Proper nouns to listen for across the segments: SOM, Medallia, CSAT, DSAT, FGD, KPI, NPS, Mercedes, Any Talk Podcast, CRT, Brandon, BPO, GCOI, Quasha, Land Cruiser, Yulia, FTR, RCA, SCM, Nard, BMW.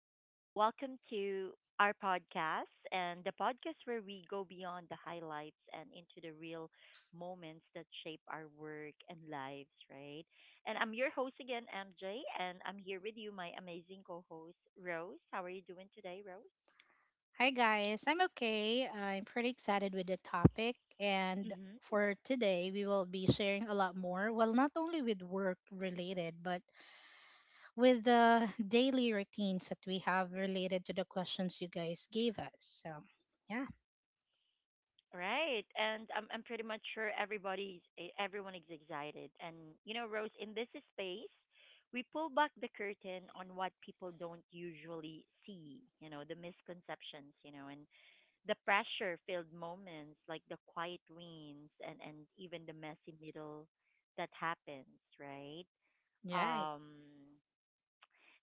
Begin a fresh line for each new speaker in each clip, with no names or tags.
and welcome to our podcast and the podcast where we go beyond the highlights and into the real moments that shape our work and lives, right? And I'm your host again, MJ, and I'm here with you, my amazing co host, Rose. How are you doing today, Rose?
Hi guys, I'm okay. I'm pretty excited with the topic and
Mm-hmm.
for today we will be sharing a lot more, well not only with work related but with the daily routines that we have related to the questions you guys gave us. So, yeah.
Right. And I'm pretty much sure everyone is excited. And you know, Rose, in this space, we pull back the curtain on what people don't usually see, you know, the misconceptions, you know, and the pressure filled moments like the quiet wins and even the messy middle that happens, right?
Right.
Um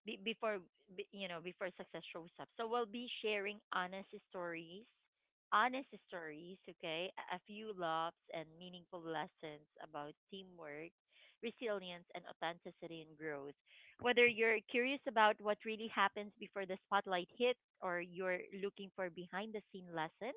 be, before be, you know Before success shows up. So we'll be sharing honest stories, okay? A few laughs and meaningful lessons about teamwork, resilience, and authenticity and growth. Whether you're curious about what really happens before the spotlight hits or you're looking for behind the scene lessons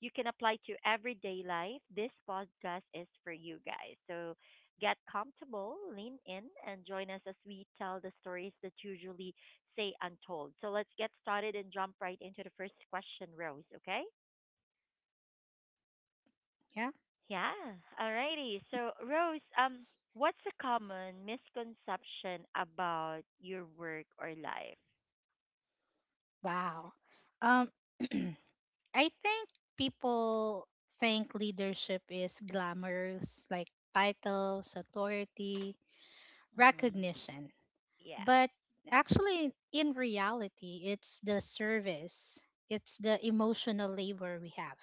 you can apply to everyday life, this podcast is for you guys. So get comfortable, lean in, and join us as we tell the stories that usually say untold. So let's get started and jump right into the first question, Rose, okay?
Yeah.
Yeah, alrighty. So, Rose, what's a common misconception about your work or life?
Wow. Um I think people think leadership is glamorous, like titles, authority,
Mm-hmm.
recognition.
Yes.
But actually, in reality, it's the service, it's the emotional labor we have,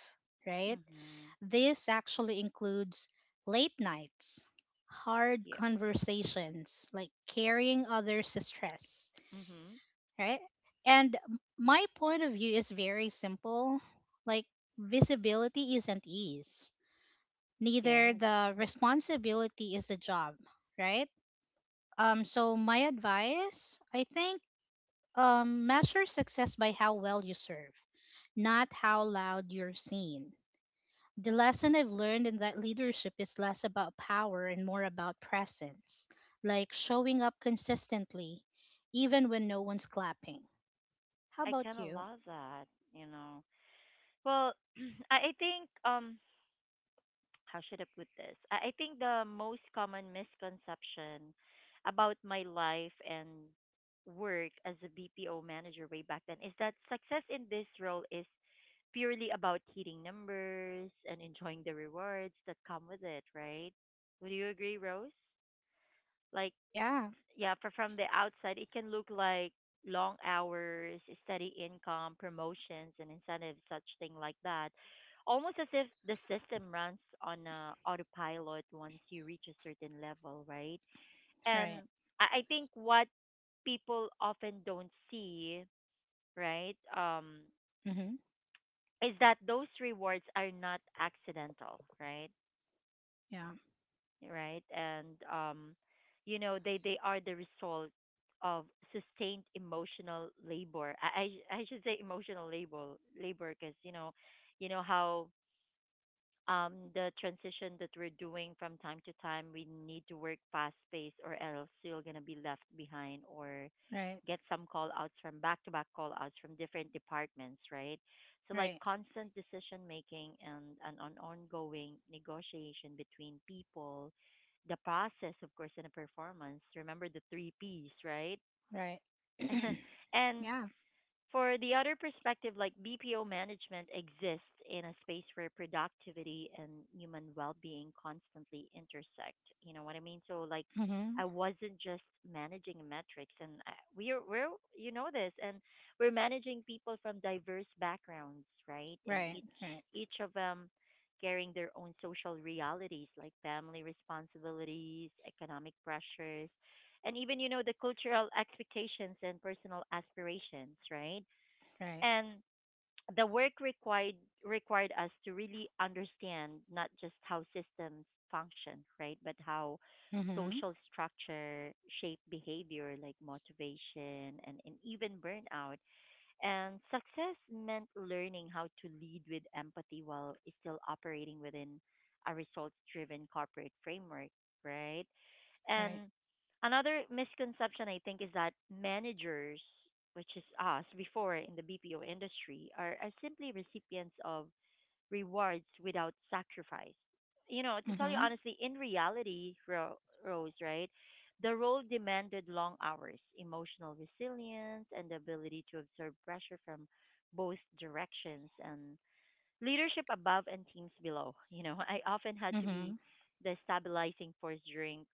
right?
Mm-hmm.
This actually includes late nights, hard
Yeah.
conversations, like carrying others' stress,
Mm-hmm.
right? And my point of view is very simple, like, visibility isn't ease, neither
Yes.
the responsibility is the job, right? So my advice, I think, measure success by how well you serve, not how loud you're seen. The lesson I've learned in that leadership is less about power and more about presence, like showing up consistently, even when no one's clapping. How
I
about
kind of
you?
love that, you know. Well, I think how should I put this? I think the most common misconception about my life and work as a BPO manager way back then is that success in this role is purely about hitting numbers and enjoying the rewards that come with it, right? Would you agree, Rose? Like
Yeah,
yeah, for from the outside, it can look like long hours, steady income, promotions, and incentives, such thing like that. Almost as if the system runs on a autopilot once you reach a certain level, right? And
right.
I think what people often don't see, right,
Mm-hmm.
is that those rewards are not accidental, right?
Yeah,
Right? And you know, they are the result of sustained emotional labor. I should say emotional labor because you know how the transition that we're doing from time to time, we need to work fast paced, or else you're gonna be left behind or
right,
get some call outs from back to back call outs from different departments, right? So like
right,
constant decision making and an ongoing negotiation between people, the process, of course, and the performance. Remember the three P's, right?
right.
And
Yeah,
for the other perspective, like BPO management exists in a space where productivity and human well being constantly intersect. You know what I mean? So, like,
mm-hmm.
I wasn't just managing metrics, and I, we're, you know, this, and we're managing people from diverse backgrounds, right? And
Right,
each,
right,
each of them carrying their own social realities like family responsibilities, economic pressures, and even, you know, the cultural expectations and personal aspirations, right?
right.
And the work required us to really understand not just how systems function, right, but how
Mm-hmm.
social structure shape behavior like motivation and even burnout, and success meant learning how to lead with empathy while still operating within a results driven corporate framework, right?
Right.
And another misconception I think is that managers, which is us before in the BPO industry, are simply recipients of rewards without sacrifice. You know, to tell you
Mm-hmm.
honestly, in reality, Rose, right? The role demanded long hours, emotional resilience, and the ability to absorb pressure from both directions and leadership above and teams below. You know, I often had to
Mm-hmm.
be the stabilizing force during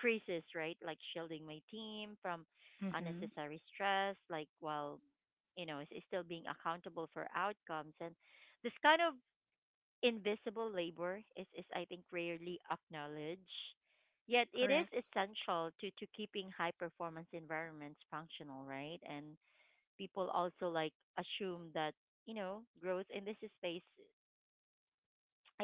creases, right? Like shielding my team from
Mm-hmm.
unnecessary stress, like while, you know, still being accountable for outcomes. And this kind of invisible labor is I think, rarely acknowledged. Yet it is
Correct.
essential to keeping high performance environments functional, right? And people also like assume that, you know, growth in this space,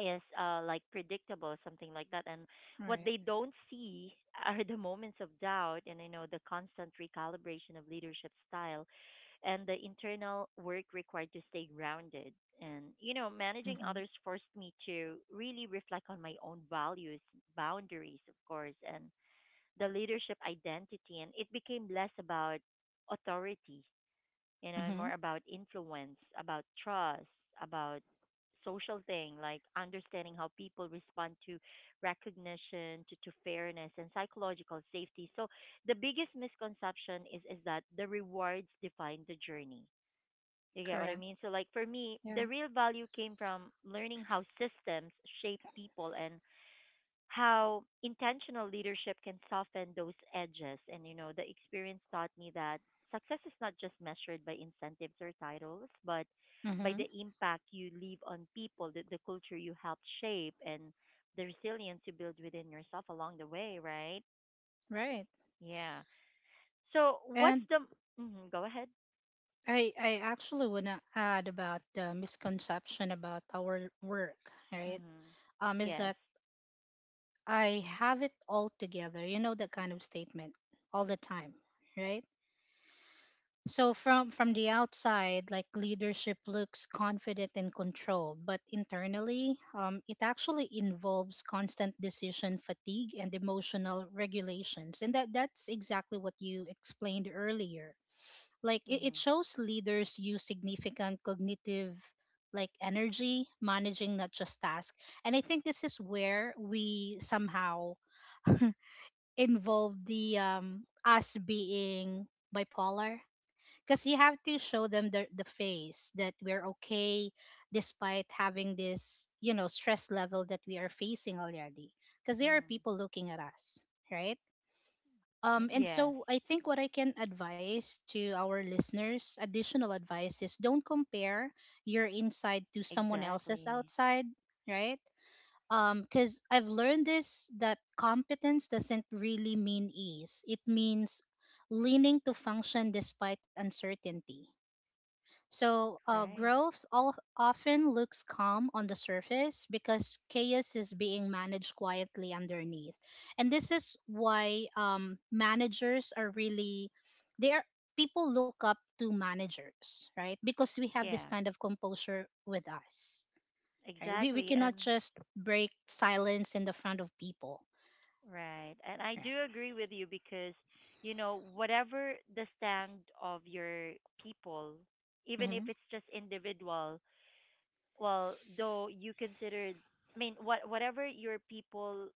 yes, like predictable something like that. And what
Right.
they don't see are the moments of doubt and you know the constant recalibration of leadership style and the internal work required to stay grounded. And you know
Mm-hmm.
managing others forced me to really reflect on my own values, boundaries of course, and the leadership identity. And it became less about authority, you know,
Mm-hmm.
and more about influence, about trust, about social thing, like understanding how people respond to recognition, to fairness and psychological safety. So the biggest misconception is that the rewards define the journey. You get what
Correct.
I mean? So like for me,
Yeah.
the real value came from learning how systems shape people and how intentional leadership can soften those edges. And, you know, the experience taught me that success is not just measured by incentives or titles, but by
Mm-hmm.
the impact you leave on people, the culture you help shape, and the resilience you build within yourself along the way, right?
Right.
Yeah. So, what's
And
the. Mhm, go ahead.
I actually wanna add about the misconception about our work, right?
Hmm.
Is
Yes.
that I have it all together. You know, that kind of statement all the time, right? So from the outside, like leadership looks confident and controlled, but internally, it actually involves constant decision fatigue and emotional regulations, and that's exactly what you explained earlier. Like, it
Hmm.
shows leaders use significant cognitive, like, energy managing not just tasks. And I think this is where we somehow involve the us being bipolar, because you have to show them the face that we're okay despite having this, you know, stress level that we are facing already, because there are
Mm.
people looking at us, right?
Mm,
um, and
yes.
so I think what I can advise to our listeners, additional advice is, don't compare your inside to someone else's
Exactly.
outside, right? Because I've learned this, that competence doesn't really mean ease. It means leaning to function despite uncertainty. So,
Right.
growth all often looks calm on the surface because chaos is being managed quietly underneath. And this is why, managers are really, they are, people look up to managers, right? Because we have this
Yeah.
kind of composure with us, right? We
Exactly.
cannot
And
just break silence in the front of people,
right. And I
right?
do agree with you because, you know, whatever the stand of your people, even if
Hmm.
it's just individual, well, though you consider, I mean, whatever your people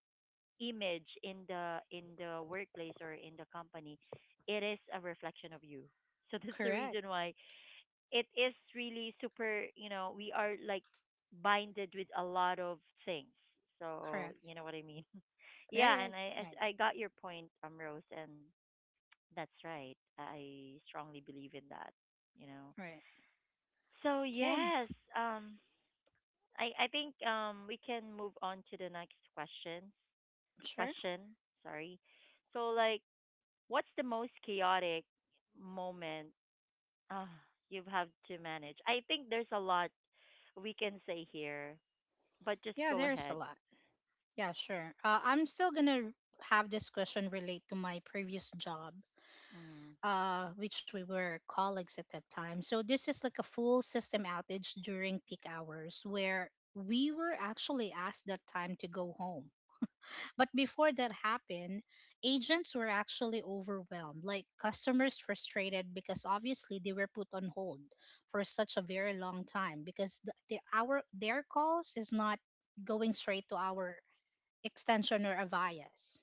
image in the workplace or in the company, it is a reflection of you. So that's the
Correct,
reason why it is really super, you know, we are like binded with a lot of things. So,
correct,
you know what I mean?
right,
Yeah, and
right, right.
I got your point, Rose, and that's right. I strongly believe in that, you know.
Right.
So,
Okay,
yes, um I think we can move on to the next question.
sure.
Question, sorry. So like what's the most chaotic moment, ah, you have to manage. I think there's a lot we can say here, but just
Yeah,
go
there's a
ahead.
lot. Yeah, sure. I'm still gonna have this question relate to my previous job,
Mm,
which we were colleagues at that time. So this is like a full system outage during peak hours where we were actually asked that time to go home. But before that happened, agents were actually overwhelmed, like customers frustrated, because obviously they were put on hold for such a very long time because the our their calls is not going straight to our extension or a bias,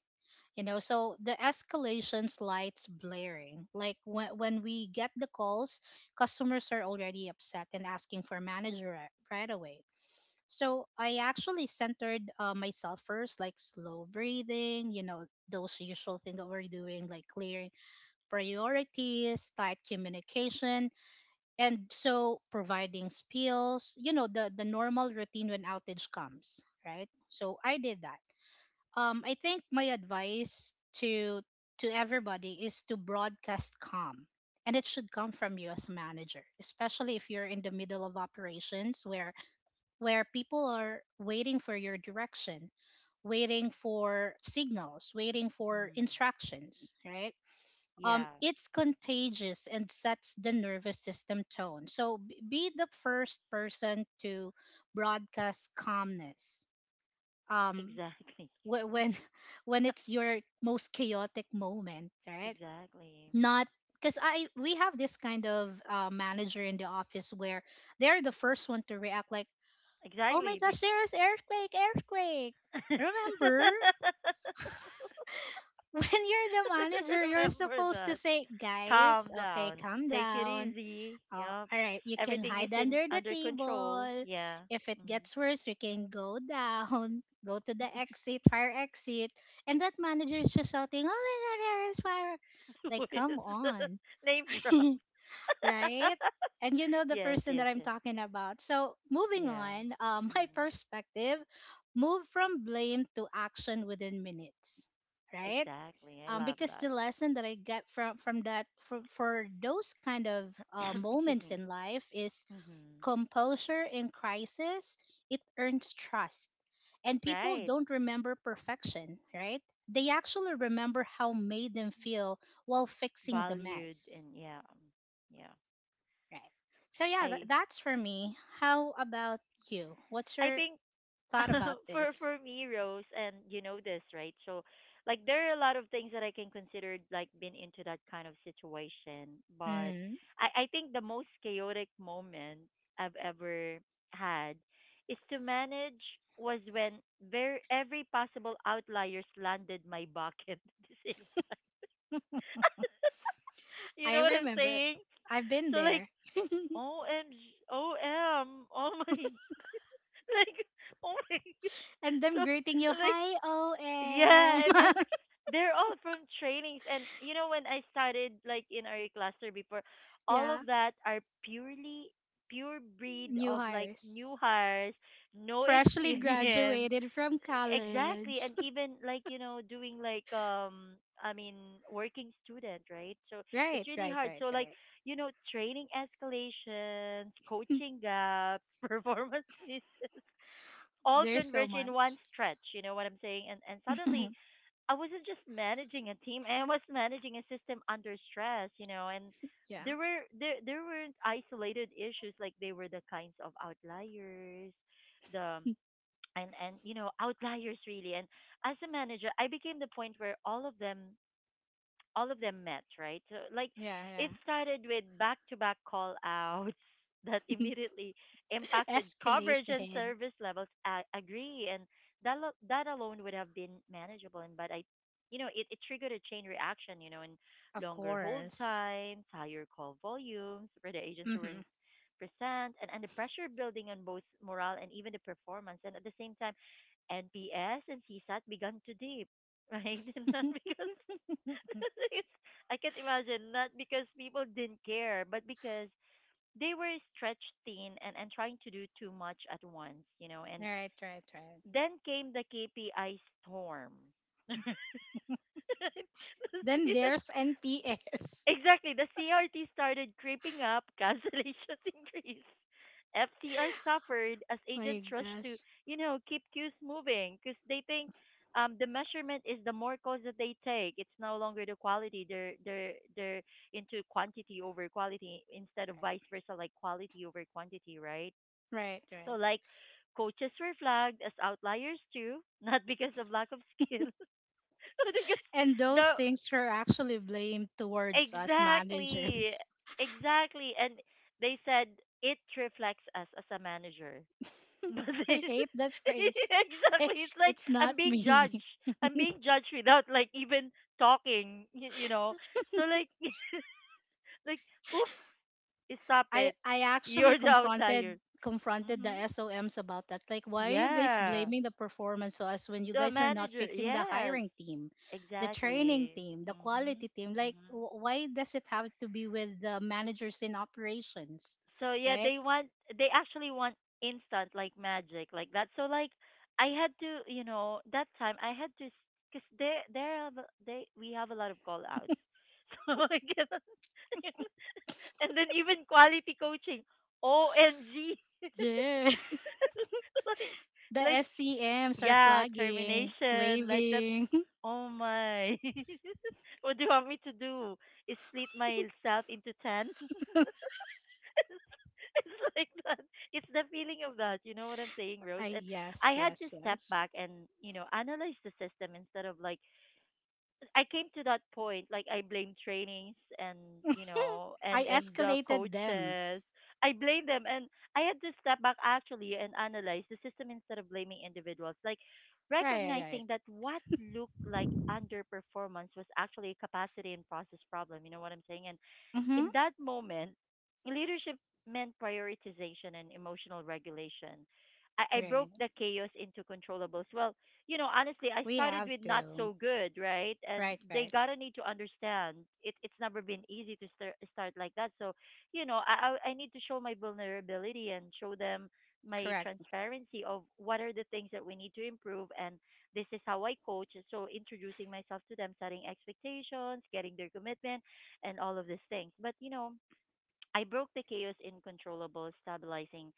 you know. So the escalations lights blaring, like when we get the calls, customers are already upset and asking for manager right away. So I actually centered, myself first, like slow breathing, you know, those usual things that we're doing, like clearing priorities, tight communication, and so providing spills, you know, the normal routine when outage comes, right? So I did that. I think my advice to everybody is to broadcast calm, and it should come from you as a manager, especially if you're in the middle of operations where people are waiting for your direction, waiting for signals, waiting for
mm,
instructions, right?
yeah,
It's contagious and sets the nervous system tone. So be the first person to broadcast calmness. Um,
exactly,
when when it's your most chaotic moment, right?
exactly,
Not because I, we have this kind of, manager in the office where they're the first one to react, like, "Oh my
exactly. Be-
gosh, there is earthquake, earthquake." Remember, when you're the manager, you're
Remember
supposed to
that.
say, "Guys,
Calm
okay,
down.
calm
Take it
down.
easy. Yep.
All right, you can
Everything is
hide
in
under the
under control.
table.
Yeah.
If it
Mm.
gets worse, we can go down, go to the exit, fire exit." And that manager is just shouting, "Oh my God, there is fire." Like,
Who is
come on,
name drop?
right? And you know the
Yes,
person that
yes,
I'm
yes.
talking about. So, moving
Yeah.
on, my
Mm.
perspective, move from blame to action within minutes, right?
Exactly. I
um,
love
because
that.
the lesson that I get from that for those kind of,
Excuse
moments
me.
in life, is
Hmm.
composure in crisis. It earns trust, and people
Right.
don't remember perfection, right? They actually remember how made them feel while fixing the
Valued
mess,
and yeah. Yeah.
right? So yeah, tha
I
that's for me. How about you? What's
I
your
think
thought about this?
for me, Rose, and you know this, right? So, like, there are a lot of things that I can consider like being into that kind of situation. But
Mm,
I think the most chaotic moment I've ever had is to manage was when very every possible outliers landed my bucket at the same time. You
I
know what I'm
remember.
saying?
I've been
So like,
there.
OMG, oh my, like, oh my.
And
So
them greeting you,
like
"Hi, OM."
yeah, and then they're all from trainings. And you know, when I started like in our cluster before, all
Yeah,
of that are pure breed
new
of like
hires,
new hires, no
freshly
experience.
graduated from
Exactly,
college.
and even like you know, doing like I mean, working student, right? So it's
Right,
really
right,
hard.
right,
So like
right.
you know, training escalations, coaching gaps, performance misses, all
There's so
converge in one
much.
stretch. You know what I'm saying? And suddenly I wasn't just managing a team, I was managing a system under stress, you know, and
Yeah,
there weren't isolated issues like they were the kinds of outliers, the and you know, outliers really. And as a manager, I became the point where all of them met, right? So like
yeah, yeah.
it started with back to back call outs that immediately impacted coverage and
Escalated,
service levels. I agree. And that alone would have been manageable and but I, you know, it triggered a chain reaction, you know, and
of
longer hold
course.
times, higher call volumes for the agents who
Hmm.
weren't present, and the pressure building on both morale and even the performance. And at the same time NPS and CSAT began to dip, right? And not because it's, I can't imagine not because people didn't care, but because they were stretched thin and trying to do too much at once, you know. And
Right, right, right.
then came the KPI storm.
Then there's NPS.
Exactly. The CRT started creeping up, cancellations increased. FTR suffered as
My
agents rushed to,
gosh.
you know, keep queues moving because they think the measurement is the more calls that they take. It's no longer the quality. They're into quantity over quality instead of vice versa, like quality over quantity, right?
Right, right.
So
Right.
like coaches were flagged as outliers too, not because of lack of skill, but because
And those
the
things were actually blamed towards us
exactly.
managers.
Exactly. And they said it reflects us as a manager. But
I
it-
hate that phrase.
exactly. It's like
It's not
I'm being
me.
judged. I'm being judged without like even talking, you know. So like like oops, stop
I,
it.
I actually
You're the
confronted
outlier.
confronted the
Mhm.
SOMs about that. Like, why are you guys
Yeah.
blaming the performance to us when you
To a
guys are not
manager.
fixing the
Yes.
hiring team, the training
Exactly.
team, the
Mhm.
quality team? Like,
Mhm.
why does it have to be with the managers in operations,
So yeah,
right?
they want they actually want instant like magic like that. So like I had to, you know, that time I had to because there have a- they we have a lot of call outs. So I cannot, and then even quality coaching. OMG.
Yeah.
like
The
like
SCMs are
yeah,
flagging,
termination like that.
waving.
Oh my. What do you want me to do? Is split myself into 10? It's like that. It's the feeling of that. You know what I'm saying,
I,
Rose? And I
yes,
had to
yes,
step
yes.
back and, you know, analyze the system instead of like I came to that point, like I blame trainings and, you know,
I
and the
escalated them.
coaches. I blame them and I had to step back actually and analyze the system instead of blaming individuals. Like
Right, right, right.
recognizing that what looked like underperformance was actually a capacity and process problem. You know what I'm saying? And
Mm-hmm.
in that moment, leadership meant prioritization and emotional regulation. I broke
Right.
the chaos into controllables. Well, you know, honestly, I
We
started
have
with not
to.
so good, right? And
Right,
they
right.
gotta need to understand it. It's never been easy to start like that. So, you know, I need to show my vulnerability and show them my
Correct.
transparency of what are the things that we need to improve and this is how I coach. So introducing myself to them, setting expectations, getting their commitment and all of these things. But you know, I broke the chaos in stabilizing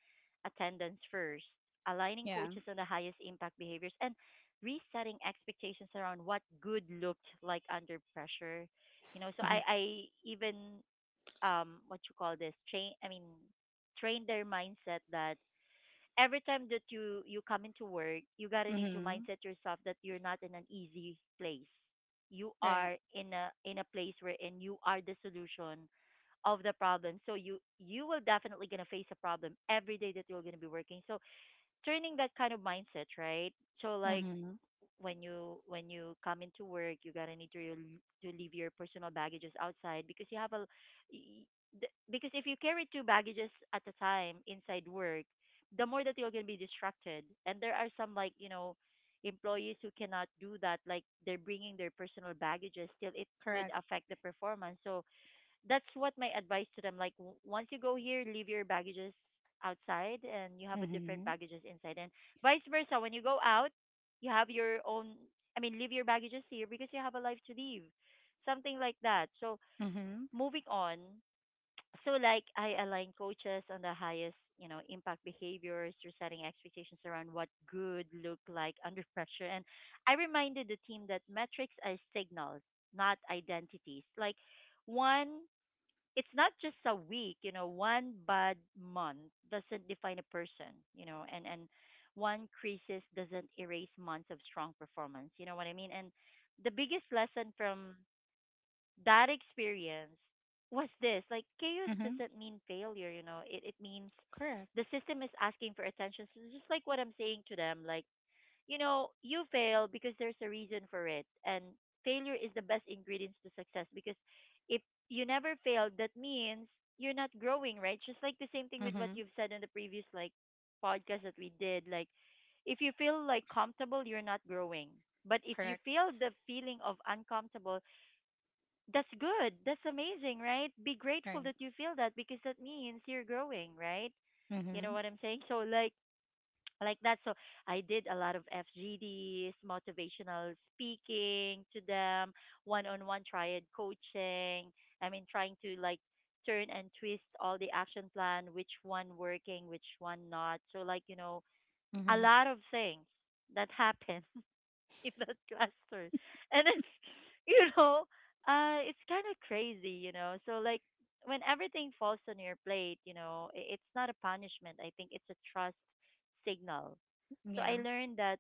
attendance first, aligning
Yeah.
coaches on the highest impact behaviors, and resetting expectations around what good looked like under pressure. You know, so
Mm-hmm.
I even what you call this train I mean train their mindset that every time that you come into work, you gotta need to
Mm-hmm.
mindset yourself that you're not in an easy place. You
Right.
are in a place wherein you are the solution of the problem. So you will definitely gonna face a problem every day that you're gonna be working. So turning that kind of mindset, right? So like
Mm-hmm.
when you come into work, you gotta need to to leave your personal baggages outside because you have a y- because if you carry two baggages at a time inside work, the more that you're gonna be distracted. And there are some like you know employees who cannot do that, like they're bringing their personal baggages. Still, it would
Correct.
affect the performance. So that's what my advice to them like once you go here leave your baggages outside and you have a different
Mm-hmm.
baggages inside and vice versa when you go out you have your own I mean leave your baggages here because you have a life to live something like that. So
Mm-hmm.
moving on. So like I align coaches on the highest, you know, impact behaviors through setting expectations around what good look like under pressure, and I reminded the team that metrics are signals not identities. Like one it's not just a week, you know, one bad month doesn't define a person, you know, and one crisis doesn't erase months of strong performance. You know what I mean? And the biggest lesson from that experience was this, like chaos
Mm-hmm.
doesn't mean failure, you know, it means
Correct.
the system is asking for attention. So just like what I'm saying to them, like you know, you fail because there's a reason for it. And failure is the best ingredients to success because if you never fail, that means you're not growing, right? Just like the same thing with what
Mm-hmm.
you've said in the previous like podcast that we did. Like if you feel like comfortable, you're not growing. But if you
Correct.
feel the feeling of uncomfortable, that's good. That's amazing, right? Be grateful
Right.
that you feel that because that means you're growing, right? You know
Mm-hmm.
what I'm saying? So like that. So I did a lot of FGDs, motivational speaking to them, one on one triad coaching. I mean, trying to like turn and twist all the action plan, which one working, which one not. So, like, you know, a
Mm-hmm.
lot of things that happen. In that classroom. And then, you know, it's kind of crazy, you know. So like when everything falls on your plate, you know, it's not a punishment. I think it's a trust signal. So I
Yeah.
learned that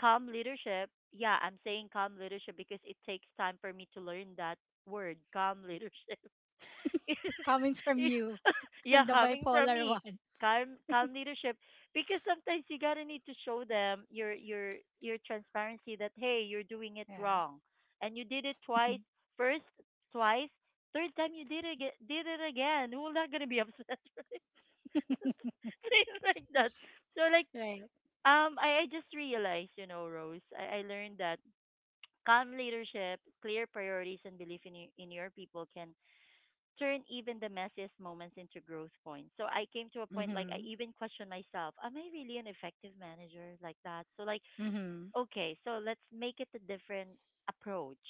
calm leadership. Yeah, I'm saying calm leadership because it takes time for me to learn that word, calm leadership.
Coming from you,
Yeah,
the
coming from
bipolar
me,
one.
calm leadership. Because sometimes you gotta need to show them your transparency that hey, you're doing it
Yeah.
wrong, and you did it twice. First, twice, third time you did it did it again. Who's not gonna be upset? Right? Things like that. So like
Right.
I just realized, you know, Rose, I learned that calm leadership, clear priorities, and belief in in your people can turn even the messiest moments into growth points. So I came to a point like I
Mm-hmm.
even questioned myself, am I really an effective manager like that? So like
Mm-hmm.
okay, so let's make it a different approach.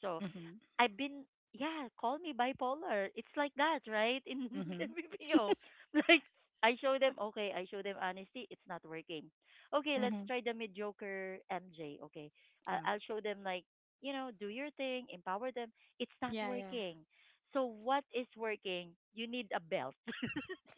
So
Mm-hmm.
I've been yeah, call me bipolar. It's like that, right? In
Mm-hmm.
the video. Like I show them okay, I show them honesty, it's not working. Okay, let's
Mm-hmm.
try the mediocre MJ. Okay. I
Ah.
I'll show them like, you know, do your thing, empower them. It's not
Yeah, yeah.
working. So what is working? You need a belt.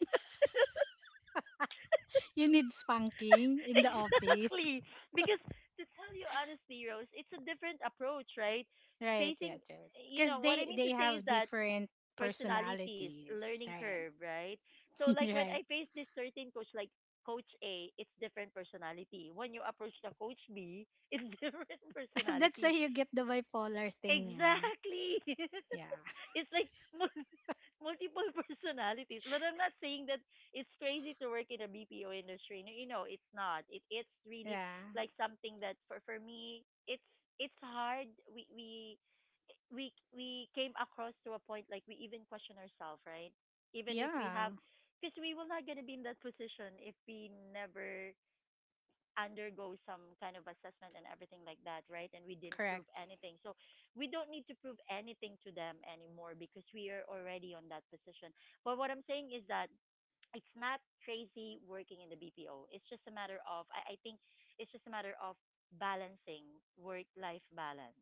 You need spanking in the office.
Exactly. Because to tell you honestly, Rose, it's a different approach, right?
Right, yeah,
Facing,
right.
you
Because
know, what I mean
they
to say is
have
that
different
personalities,
personalities,
learning
right?
curve, right? So like when
Right.
I face this certain coach, like Coach A, it's different personality. When you approach the Coach B, it's different
That's how
personality.
you get the bipolar thing, ah.
Exactly.
Yeah,
It's like multiple personalities. But I'm not saying that it's crazy to work in the BPO industry. No, you know, it's not. It's really
yeah,
like something that for me, it's hard. We we came across to a point like we even question ourselves, right? Even if we
yeah.
have because we will not gonna be in that position if we never undergo some kind of assessment and everything like that, right? And we didn't
Correct.
prove anything. So we don't need to prove anything to them anymore because we are already on that position. But what I'm saying is that it's not crazy working in the BPO. It's just a matter of I think it's just a matter of balancing work life balance,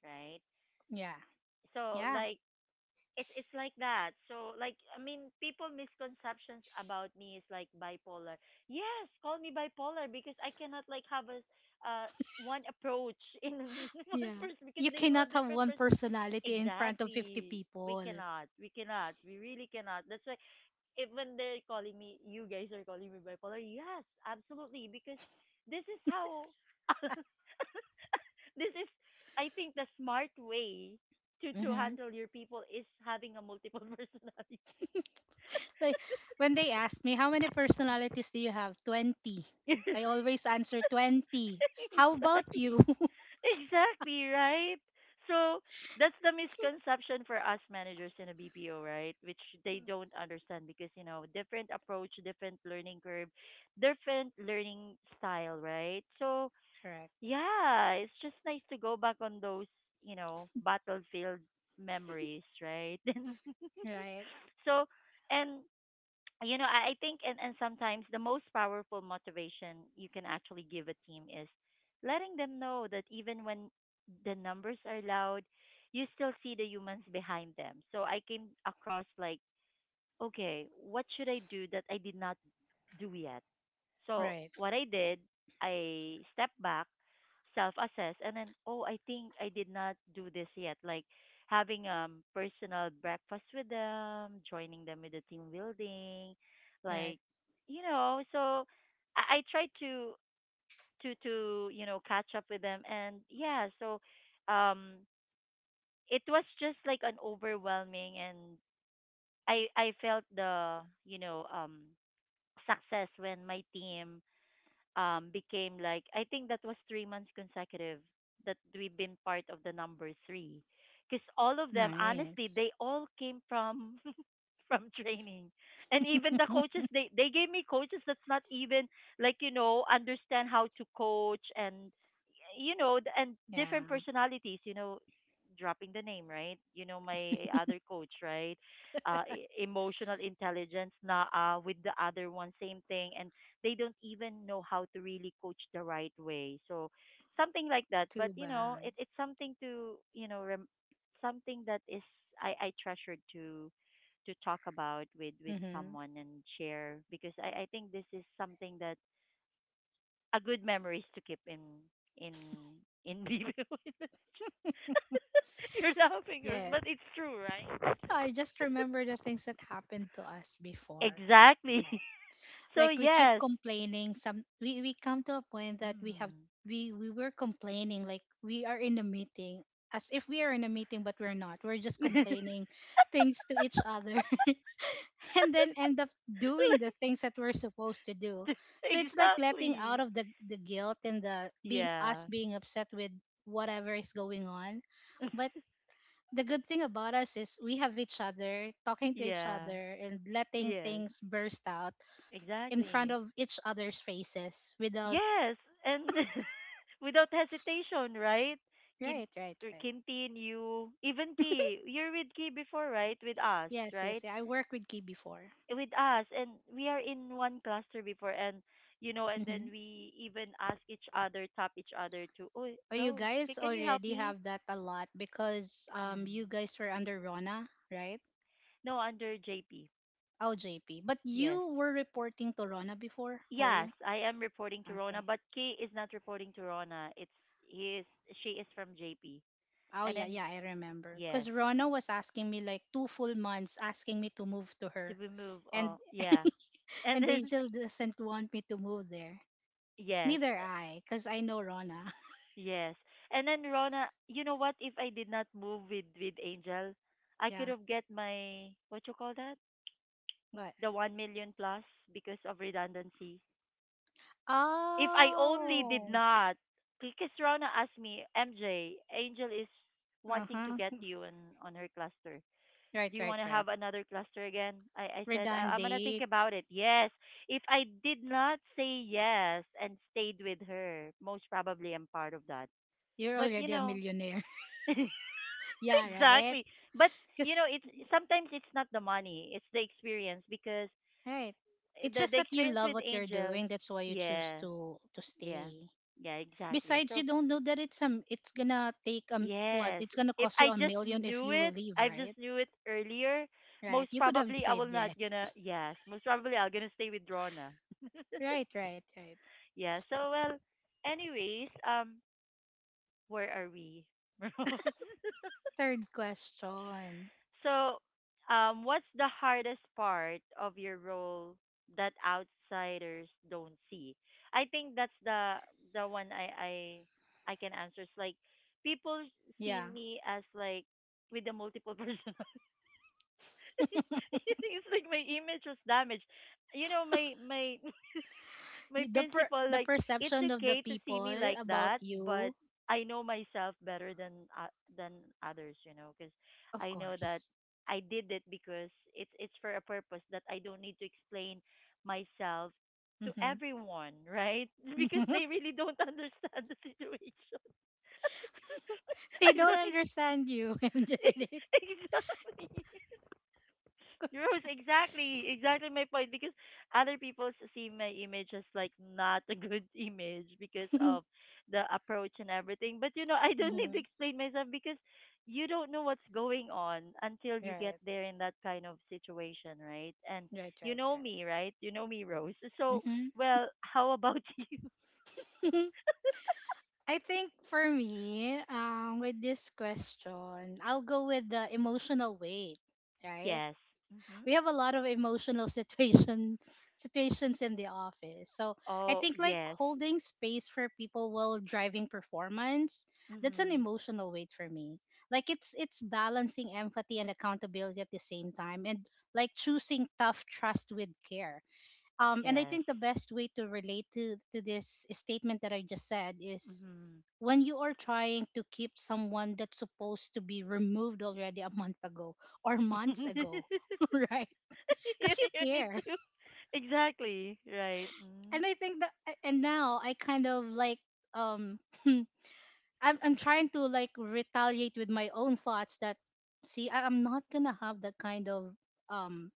right?
Yeah,
So
yeah,
like it's like that. So like I mean people misconceptions about me is like bipolar. Yes, call me bipolar because I cannot like have a uh one approach in one
yeah.
person because
You
they do
cannot
have
have
different
one
person.
personality in front of 50
Exactly. We
people.
cannot. We cannot. We really cannot. That's why even they're calling me, you guys are calling me bipolar. Yes, absolutely, because this is how this is. I think the smart way to
Mm-hmm.
handle your people is having a multiple personality.
Like, when they ask me how many personalities do you have, 20. I always answer 20. How about you?
exactly, exactly, right. So that's the misconception for us managers in a BPO, right? Which they don't understand because you know different approach, different learning curve, different learning style, right? So
Correct.
yeah, it's just nice to go back on those, you know, battlefield memories, right?
Right.
So, and you know, I think, and sometimes the most powerful motivation you can actually give a team is letting them know that even when the numbers are loud, you still see the humans behind them. So I came across like, okay, what should I do that I did not do yet? So
Right.
what I did, I stepped back, self-assess, and then oh, I think I did not do this yet. Like having personal breakfast with them, joining them with the team building,
Right.
like you know. So I tried to to you know catch up with them, and yeah. So um, it was just like an overwhelming, and I felt the you know success when my team became like I think that was 3 months consecutive that we've been part of the number three, because all of them honestly
Nice.
they all came from from training, and even the coaches they gave me coaches that's not even like you know understand how to coach and you know and different
Yeah,
personalities you know dropping the name right you know my other coach right emotional intelligence na with the other one same thing and they don't even know how to really coach the right way. So something like that. But
too
you know,
bad.
it's something to something that is I treasured to talk about with
Mm-hmm.
someone and share because I think this is something that a good memories to keep in in in vivo. You're laughing, Rose,
Yeah,
but it's true, right?
I just remember the things that happened to us before.
Exactly.
Right.
So
Like, we keep
yes.
complaining. Some, we come to a point that we have,
Mm.
we were complaining. Like, we are in a meeting, as if we are in a meeting, but we're not. We're just complaining things to each other, and then end up doing the
Like,
things that we're supposed to do. So it's like letting out
exactly.
of the guilt and the being, us
Yeah.
being upset with whatever is going on. But the good thing about us is, we have each other talking to each
Yeah.
other and letting
Yes.
things burst out in front
Exactly.
of each other's faces without,
Yes. And without hesitation, right? Kin-
right, right, right.
Kintin, you, even Ki, you're with Ki before, right? With us,
Yes, yes.
right?
Yeah, I work with Key before.
With us. And we are in one cluster before. And, you know, and
Mm-hmm.
then we even ask each other, tap each other to, oh,
Oh, you
Rose,
guys
can you help
already
me?
have that a lot because
Mm.
you guys were under Rona, right?
No, under JP.
Oh, JP, but
Yes.
you were reporting to Rona before, were
Yes,
you?
I am reporting to Rona,
Okay.
but Kay is not reporting to Rona. It's he is She is from JP.
Oh
And
yeah,
then
yeah, I remember.
yes,
Cause Rona was asking me like 2 full months, asking me to move to
to
her,
be moved
and
yeah. And
And
then
Angel doesn't want me to move there.
yes,
Neither I, because I know Rona.
yes. And then Rona, you know what? If I did not move with Angel, I could
Yeah.
have get my what you call that?
But,
The 1 million plus because of redundancy. If I only did
oh.
not because Rona asked me, MJ, Angel is
Uh
wanting to
huh.
get you in on her cluster.
Right,
Do you
right,
want to
right.
have another cluster again? I said, I'm going to think
Redundant.
about it. Yes. If I did not say yes and stayed with her, most probably I'm part of that.
You're
But, you
already a
know,
millionaire.
exactly.
Yeah, right.
But, you
Because
know, it's sometimes it's not the money, it's the experience because
right. It's just
the
that you
experience
love
with
what you're
Angel,
doing. That's why you choose
yeah,
to
yeah,
stay.
yeah, exactly.
Besides, you
So,
don't know that it's, it's gonna take, what
yes.
it's gonna
If
cost
I
you a
just
million if
knew
you will
it,
leave,
I just
right?
knew it earlier,
Right.
most
You could have
probably I
said
will not
yes.
gonna yes, most probably I'm gonna stay with Rona.
Right, right, right.
Yeah, so well anyways, where are we? Rose?
Third question.
So what's the hardest part of your role that outsiders don't see? I think that's the the one I can answer. It's like people see
Yeah.
me as like with the multiple person it's like my image was damaged. You know, my my
You, the per-,
principal
the
like it's
perception of the
okay to see
people
me like
about
that,
you,
but I know myself better than others, you know, because
of
I know that
course.
I did it because it's for a purpose that I don't need to explain myself to
Hmm.
everyone, right? Because they really don't understand the situation.
They
I
don't
don't need
understand you, MJ.
exactly. Rose, exactly, exactly my point. Because other people see my image as like not a good image because of the approach and everything. But you know, I don't need to
Mhm.
explain myself because you don't know what's going on until you get
Right.
there in that kind of situation, right? And
Right,
you
right,
know
right.
me, right? You know me, Rose. So,
Hmm.
well, how about you?
I think for me, with this question, I'll go with the emotional weight, right?
Yes. Mhm.
We have a lot of emotional situations, situations in the office. So I
Oh,
think, like,
yes.
holding space for people while driving performance, that's an
Mhm.
emotional weight for me. Like, it's balancing empathy and accountability at the same time, and like choosing tough trust with care. And I
Yes.
think the best way to relate to this statement that I just said is when you are trying to keep someone that's supposed to be removed already a month ago or
Mhm.
months ago, right?
you,
Because you
need
care.
to exactly right mm.
And I think that and now I kind of like um I'm trying to retaliate with my own thoughts that I'm not gonna have that kind of um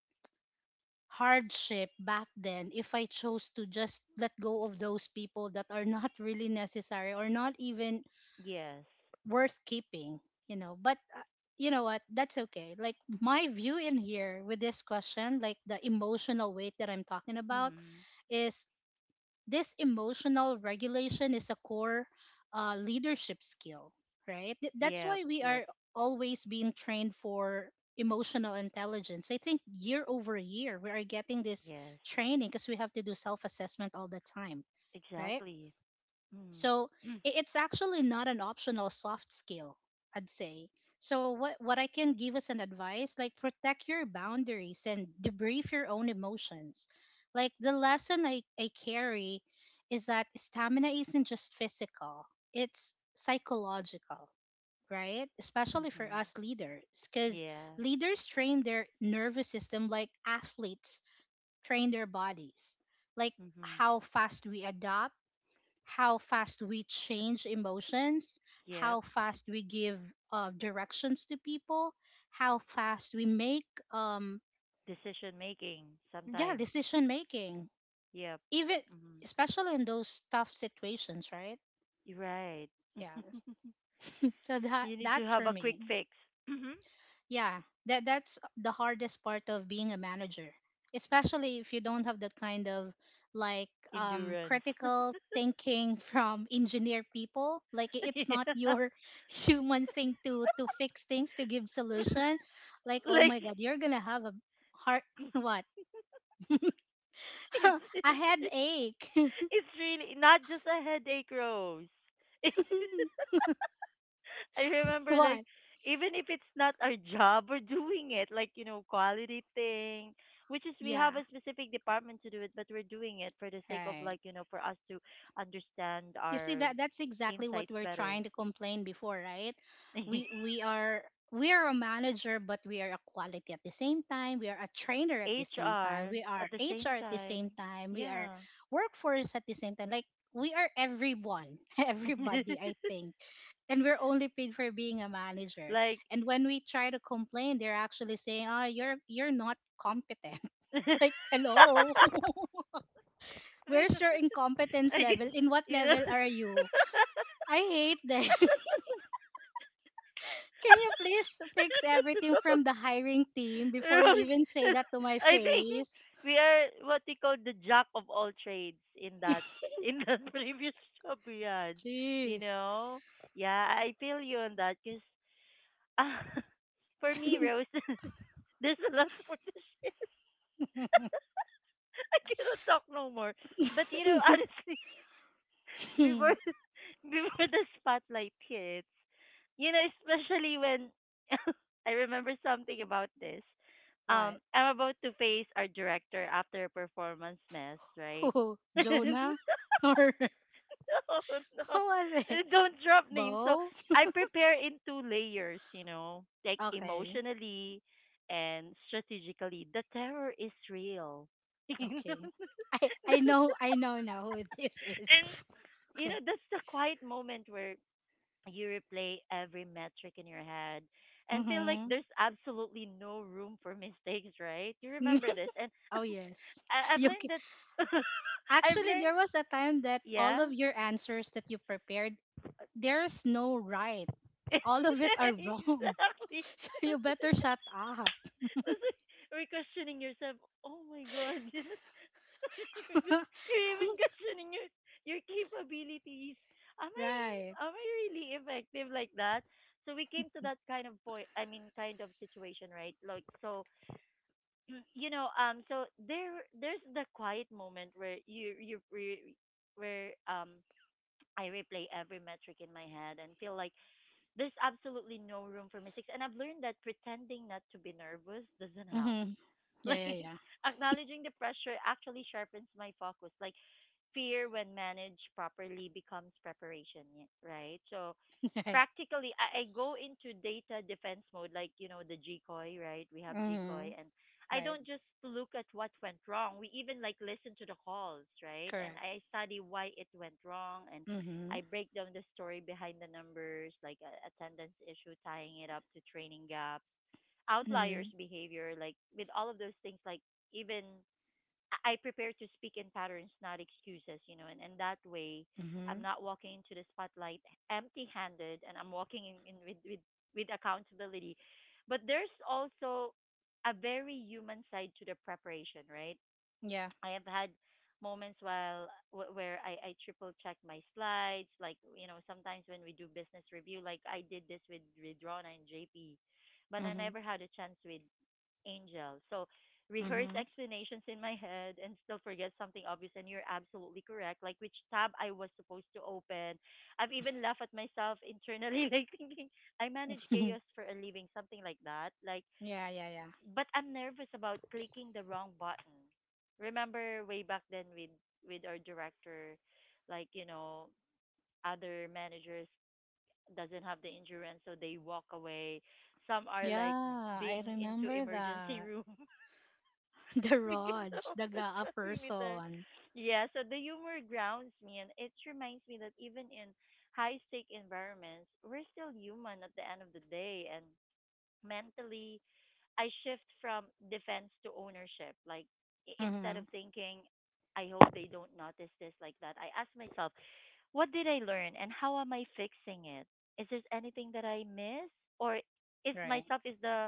hardship back then if I chose to just let go of those people that are not really necessary or not even
Yes,
worth keeping, you know. But you know what? That's okay. Like my view in here with this question, like the emotional weight that I'm talking about,
mhm,
is this emotional regulation is a core leadership skill, right? That's
yep,
why we
yep,
are always being trained for emotional intelligence. I think year over year, we are getting this
yes,
training because we have to do self assessment all the time, right?
exactly, mhm,
So it's actually not an optional soft skill, I'd say. So what I can give as an advice, like protect your boundaries and debrief your own emotions. Like the lesson I carry is that stamina isn't just physical, it's psychological, right? Especially for
mhm,
us leaders, because
yeah,
leaders train their nervous system like athletes train their bodies. Like
mhm,
how fast we adapt, how fast we change emotions, how
yep,
fast we give directions to people, how fast we make um
decision making
yeah
sometimes,
decision making,
yep,
even,
mhm,
especially in those tough situations, right?
you're right.
Yeah. So that
You need to
that's
have
for
a quick
me.
fix. Mhm,
Yeah, that's the hardest part of being a manager, especially if you don't have that kind of like
endurance.
critical thinking from engineer people. Like it's not
Yeah.
your human thing to fix things, to give solution. Like oh
Like
my god, you're gonna have a heart what
it's,
a
it's
headache.
it's really not just a headache, Rose. I remember
What?
like even if it's not our job, we're doing it like you know quality thing, which is
Yeah,
we have a specific department to do it, but we're doing it for the sake of
right.
like you know for us to understand
You see
our
that's exactly what
insights
we're
better.
trying to complain before, right? We we are we are a manager, but we are a quality at the same time. We are a trainer at the same time.
HR
We are
at the same
HR at the same
time,
time. We are
yeah,
workforce at the same time. Like we are everyone, everybody, I think. And we're only paid for being a manager.
like.
And when we try to complain, they're actually saying, "Oh, you're not competent." Like, hello, where's your incompetence
I guess,
level? In what
you know.
level are you? I hate them. Can you please fix everything from the hiring team before you
Rose,
even say that to my
I think
face?
we are what we call the jack of all trades in that previous job we had. You
Jeez.
know, yeah, I feel you on that because uh, for me, Rose, there's a lot more to share. I cannot talk no more. But you know, honestly. Before before the spotlight hits. You know, especially when I remember something about this.
What?
I'm about to face our director after a performance mess, right?
Who?
No,
Jonah? Or who
no,
was it?
don't drop names. So
Bo?
I prepare in 2 layers, you know, like
Okay.
emotionally and strategically. The terror is real. You know?
Okay. I I know I know now who this is.
And you
Okay.
know that's the quiet moment where you replay every metric in your head and feel like
Mm-hmm.
there's absolutely no room for mistakes, right? You remember this. And
Oh yes.
I've
You ca-
learned that I've
Actually, there
learned.
was a time that all
Yeah.
of your answers that you prepared, there's no right. All of it are wrong.
Exactly.
So you better shut up.
That's why we're questioning yourself. Oh my god. You are you're even questioning your capabilities. Am I
Right.
am I really effective like that? So we came to that kind of point, I mean kind of situation, right? Like so mm, you know so there's the quiet moment where where I replay every metric in my head and feel like there's absolutely no room for mistakes, and I've learned that pretending not to be nervous doesn't help.
Mm-hmm. Yeah,
Like
yeah, yeah.
acknowledging the pressure actually sharpens my focus, like fear when managed properly becomes preparation, right? So
Right.
practically I go into data defense mode, like you know the gcoi, right? We have gcoi
Mm-hmm.
and I
Right.
don't just look at what went wrong, we even like listen to the calls, right? And
Correct.
I study why it went wrong, and
Mm-hmm.
I break down the story behind the numbers like a attendance issue, tying it up to training gaps, outliers
Mm-hmm.
behavior, like with all of those things, like even I prepare to speak in patterns, not excuses, you know, and that way
Mm-hmm.
I'm not walking into the spotlight empty handed, and I'm walking in, with accountability. But there's also a very human side to the preparation, right?
Yeah.
I have had moments while where I triple check my slides, like you know, sometimes when we do business review, like I did this with Rona and JP, but I
Mm-hmm.
never had a chance with Angel. So rehearse
Mm-hmm.
explanations in my head and still forget something obvious, and you're absolutely correct. Like which tab I was supposed to open. I've even laughed at myself internally, like thinking I manage chaos for a living, something like that. Like
Yeah, yeah, yeah.
but I'm nervous about clicking the wrong button. Remember way back then with our director, like, you know, other managers doesn't have the insurance, so they walk away, some are like
Yeah, I
being into
remember
emergency
that.
room
The
because
Rog,
of
the
the
Gaa
perimeter.
person.
Yeah, so the humor grounds me, and it reminds me that even in high stake environments, we're still human at the end of the day, and mentally I shift from defense to ownership. Like instead
Mm-hmm.
of thinking, I hope they don't notice this like that, I ask myself, what did I learn and how am I fixing it? Is there anything that I miss, or is
Right.
myself is the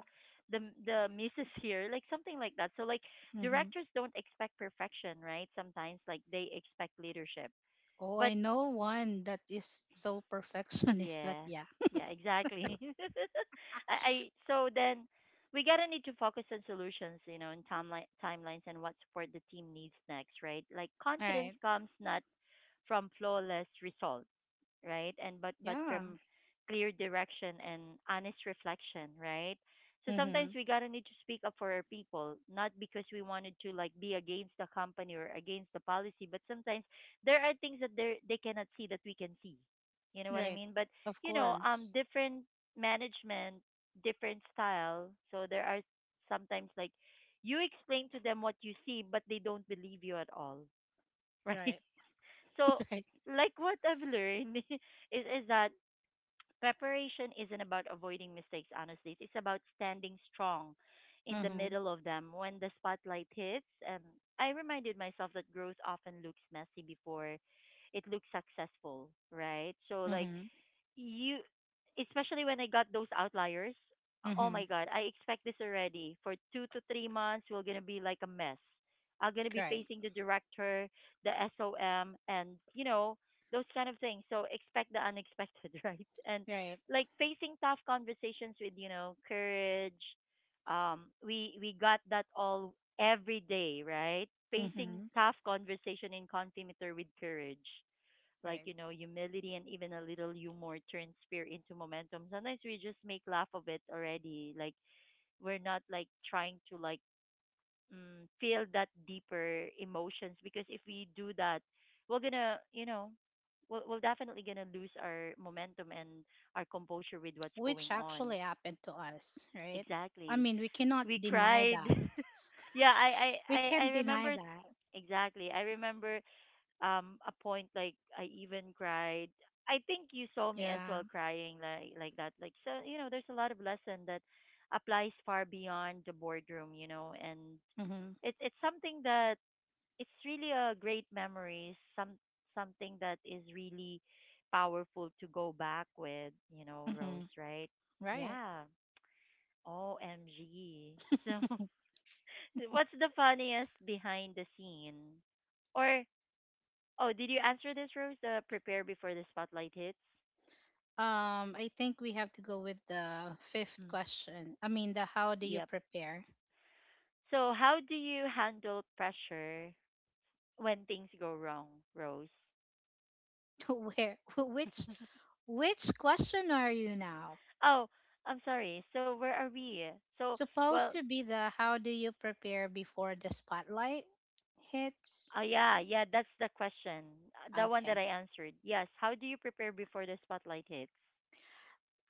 the the missus here, like something like that. So like
Mm-hmm.
directors don't expect perfection, right? Sometimes like they expect leadership.
Oh,
But
I know one that is so perfectionist, but
yeah,
yeah.
yeah, exactly. I so then we gotta need to focus on solutions, you know, and timelines and what support the team needs next, right? Like confidence
Right.
comes not from flawless results, right? And but
Yeah.
from clear direction and honest reflection, right? So
Mm-hmm.
sometimes we gotta need to speak up for our people, not because we wanted to like be against the company or against the policy, but sometimes there are things that they cannot see that we can see. You know what I
Right.
mean? But
Of
you know,
course.
different management, different style. So there are sometimes like you explain to them what you see, but they don't believe you at all, right?
Right.
So,
Right.
like what I've learned is that preparation isn't about avoiding mistakes, honestly. It's about standing strong in the
Mhm.
middle of them when the spotlight hits. And I reminded myself that growth often looks messy before it looks successful, right? So like
Mhm.
you especially when I got those outliers, oh
Mhm.
my god, I expect this already. For 2 to 3 months we're gonna be like a mess. I'm gonna be
Right.
facing the director, the SOM, and you know, those kind of things. So expect the unexpected, right? And
Right.
like facing tough conversations with, you know, courage. We got that all every day, right? Facing
Mhm.
tough conversation in Contimeter with courage, like
Right.
you know humility, and even a little humor turns fear into momentum. Sometimes we just make laugh of it already, like we're not like trying to like mm, feel that deeper emotions, because if we do that we're gonna you know we're definitely gonna lose our momentum and our composure with what's
Which
going on.
actually happened to us, right? I
Exactly,
mean, we cannot
we
deny
cried.
that.
Yeah,
We
I
can't deny
remember.
that.
Exactly, I remember a point like I even cried. I think you saw me as
Yeah.
well crying like that. There's a lot of lesson that applies far beyond the boardroom, and
Mhm.
it's something that it's really a great memory, something that is really powerful to go back with, Rose,
Mhm.
right?
Right.
Yeah. OMG. So what's the funniest behind the scene? Or oh, did you answer this, Rose? Prepare before the spotlight hits.
I think we have to go with the fifth
Mm.
question. I mean, the how do you
Yep.
prepare?
So, how do you handle pressure when things go wrong, Rose?
Where? Which? Which question are you now?
Oh, I'm sorry. So, where are we? So, well,
Supposed to be the how do you prepare before the spotlight hits?
yeah, yeah, that's the question. The one that I
Okay.
answered. Yes. How do you prepare before the spotlight hits?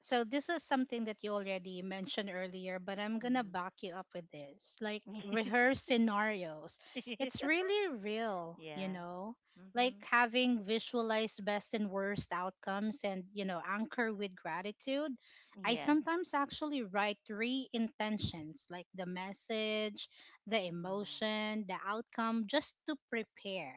So this is something that you already mentioned earlier, but I'm gonna
Hmm.
back you up with this. Like rehearse scenarios. It's really real, you
Yeah.
know? Like
Hmm.
having visualized best and worst outcomes and, you know, anchor with gratitude. I
Yes.
sometimes actually write three intentions, like the message, the
Mm.
emotion, the outcome, just to prepare.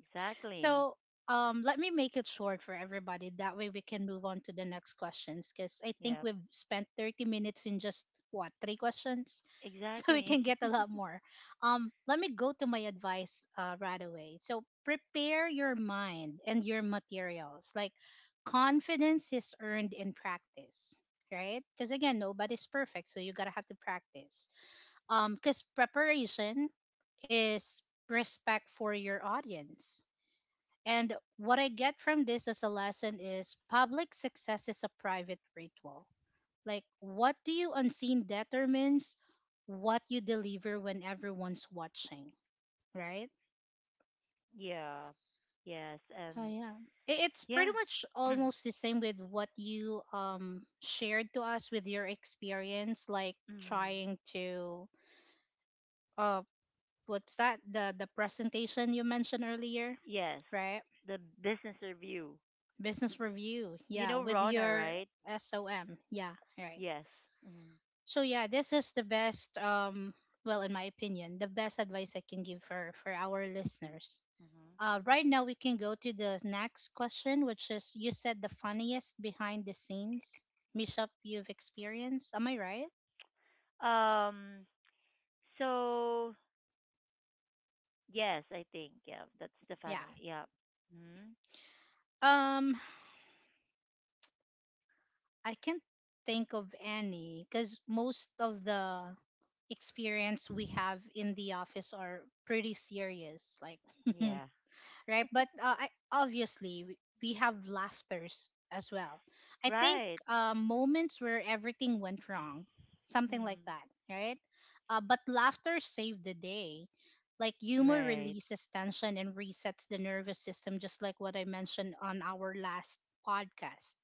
Exactly.
So let me make it short for everybody. That way we can move on to the next questions because I think
Yep.
we've spent 30 minutes in just what three questions, so we
Exactly.
can get a lot more. Let me go to my advice right away. So prepare your mind and your materials. Like confidence is earned in practice. Right? Because again, nobody's perfect, so you gotta have to practice. Because preparation is respect for your audience, and what I get from this as a lesson is public success is a private ritual. Like, what do you unseen determines what you deliver when everyone's watching, right?
Yeah. Yes.
Oh,
And
yeah. It's
yeah.
pretty much
Hmm.
almost the same with what you shared to us with your experience, like trying to, uh, what's that? The presentation you mentioned earlier,
Yes.
right?
The business review.
Business review.
You
Yeah.
know
With
Rona,
your
right?
SOM. Yeah. Right.
Yes. Mm-hmm.
So yeah, this is the best well, in my opinion, the best advice I can give for our listeners. Uh, right now we can go to the next question, which is you said the funniest behind the scenes mishap you've experienced. Am I right?
Hmm. So yes, I think yeah, that's the
Yeah.
funny. Yeah. Hmm.
Um I can't think of any, cuz most of the experience we have in the office are pretty serious, like
Yeah.
right? But I, obviously, we have laughters as well. I think
Right.
moments where everything went wrong, something like
Hmm.
that, right? But laughter saved the day. Like humor
Right.
releases tension and resets the nervous system, just like what I mentioned on our last podcast,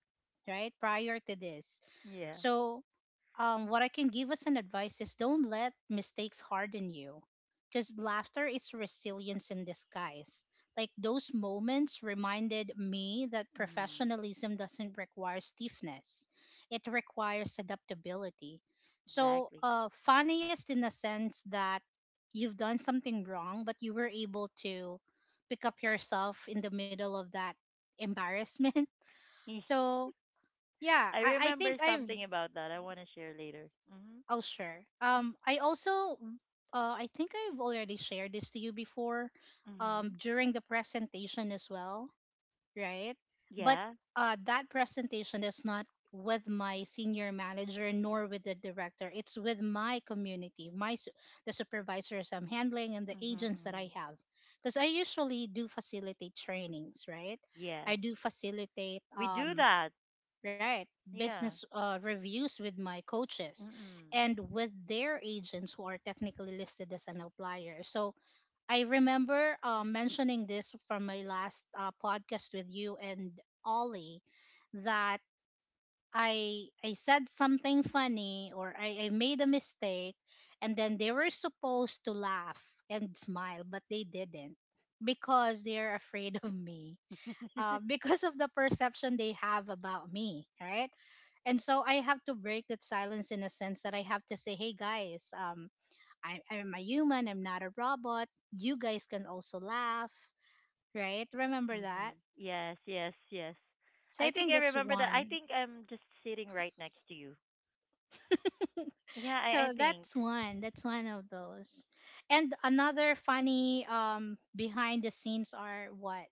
right? Prior to this.
Yeah.
So, what I can give as an advice is don't let mistakes harden you because laughter is resilience in disguise. Like those moments reminded me that
Hmm.
professionalism doesn't require stiffness, it requires adaptability. So,
Exactly.
funniest in the sense that you've done something wrong, but you were able to pick up yourself in the middle of that embarrassment. So, yeah,
I
I, I think
remember
I've,
something about that. I want to share later. Hmm.
oh, sure. I also I think I've already shared this to you before
Hmm.
during the presentation as well. Right? But
Yeah.
that presentation is not with my senior manager nor with the director. It's with my community, the supervisors I'm handling and the
Hmm.
agents that
Hmm.
I have. Because I usually do facilitate trainings, right?
Yes.
I do facilitate
We do that.
right
Yeah.
business reviews with my coaches
Mm-mm.
and with their agents who are technically listed as an outlier. So I remember mentioning this from my last podcast with you and Ollie that I said something funny, or I made a mistake, and then they were supposed to laugh and smile but they didn't because they're afraid of me because of the perception they have about me, right? And so I have to break that silence in a sense that I have to say, hey guys, I'm a human, I'm not a robot. You guys can also laugh, right? Remember
Mm-hmm.
that?
Yes, yes, yes.
So
I
I
think
think
I
that's
remember that. I
one.
think I'm just sitting right next to you. Yeah, I
So
think
that's one. That's one of those. And another funny behind the scenes are what?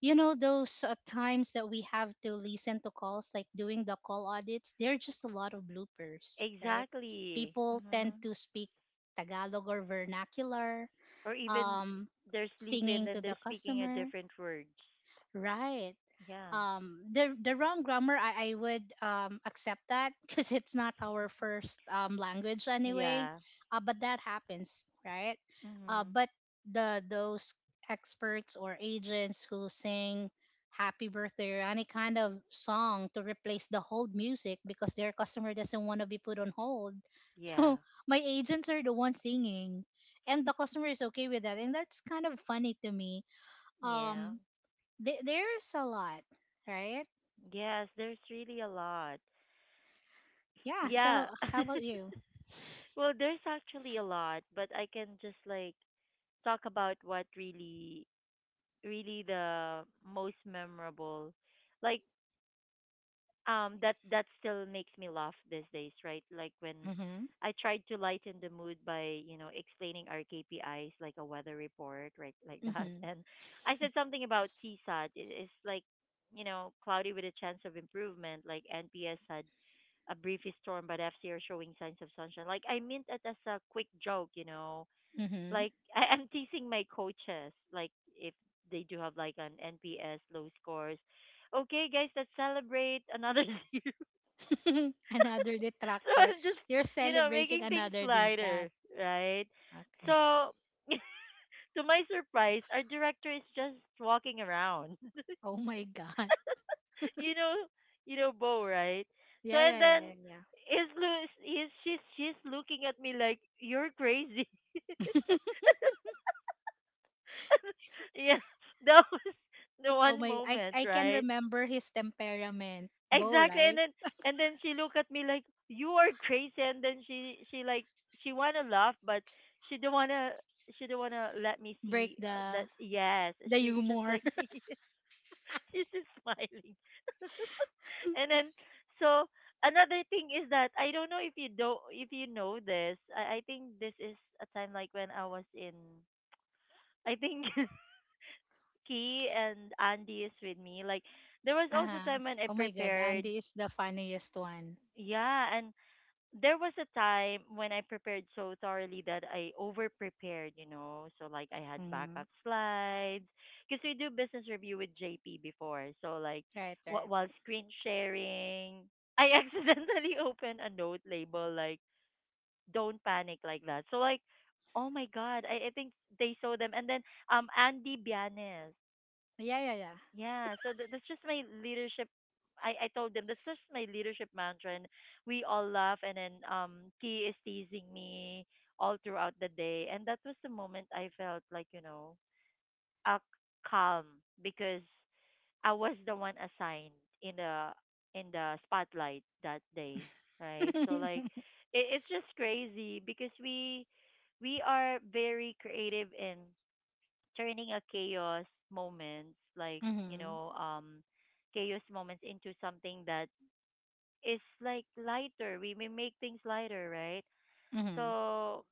You know those times that we have to listen to calls, like doing the call audits, they're just a lot of bloopers, right?
exactly.
People tend
Mm-hmm.
to speak Tagalog or vernacular,
Or even
um
they're sleeping,
singing to
then they're
the
speaking a
customer,
different words.
right?
Yeah,
The wrong grammar, I would accept that because it's not our first language anyway.
yeah.
But that happens, right?
Mm-hmm.
But the Those experts or agents who sing happy birthday or any kind of song to replace the hold music because their customer doesn't want to be put on hold
Yeah,
so my agents are the ones singing, and the customer is okay with that, and that's kind of funny to me.
yeah.
Um there, there's a lot, right?
Yes, there's really a lot.
Yeah.
Yeah.
So how about you?
Well, there's actually a lot, but I can just like talk about what really really the most memorable like that still makes me laugh these days, right? Like when
Mm-hmm.
I tried to lighten the mood by explaining our KPIs like a weather report, right? Like that.
Mm-hmm.
And I said something about CSAT. It is like, cloudy with a chance of improvement, like NPS had a brief storm but FC are showing signs of sunshine. Like I meant it as a quick joke,
Mm-hmm.
like I'm teasing my coaches, like if they do have like an NPS low scores. Okay, guys, let's celebrate another zero.
Another
So
detractor.
I'm just,
You're celebrating
making things
another
lighter,
DSAT.
right?
Okay.
So to my surprise, our director is just walking around.
Oh my God.
you know, you know Bo, right? So
Yeah,
and
yeah,
then
yeah, yeah,
is Louis, is she's looking at me like you're crazy.
yeah.
Yeah, that was the
Oh
one
my, I,
moment,
I can
right?
remember his temperament. Bo,
Exactly, and
right?
then and then she looked at me like you are crazy, and then she like she wanna laugh, but she don't wanna she don't wanna let me
Break
see that.
the
Yes, she's just
humor.
like she's just smiling, and then so another thing is that I don't know if you do not if you know this. I think this is a time like when I was in. I think Key and Andy is with me. Like there was
Uh-huh.
also time
Oh
when I
my God. Andy
prepared.
is the funniest one.
Yeah, and there was a time when I prepared so thoroughly that I over prepared, you know. So like I had
Mm-hmm.
backup slides because we do business review with JP before. So like
Right, right.
while screen sharing, I accidentally opened a note label like "Don't panic," like that. So like, oh my god, I think they saw them. And then Andy Bianes.
Yeah, yeah, yeah.
Yeah, so that's just my leadership. I told them that's just my leadership mantra, and we all laugh. And then Key is teasing me all throughout the day, and that was the moment I felt like uh, calm because I was the one assigned in the in the spotlight that day, right? So like, it's just crazy because we are very creative in turning a moments like you
Mm-hmm.
know um chaos moments into something that is like lighter. We make things lighter, right?
Mm-hmm.
So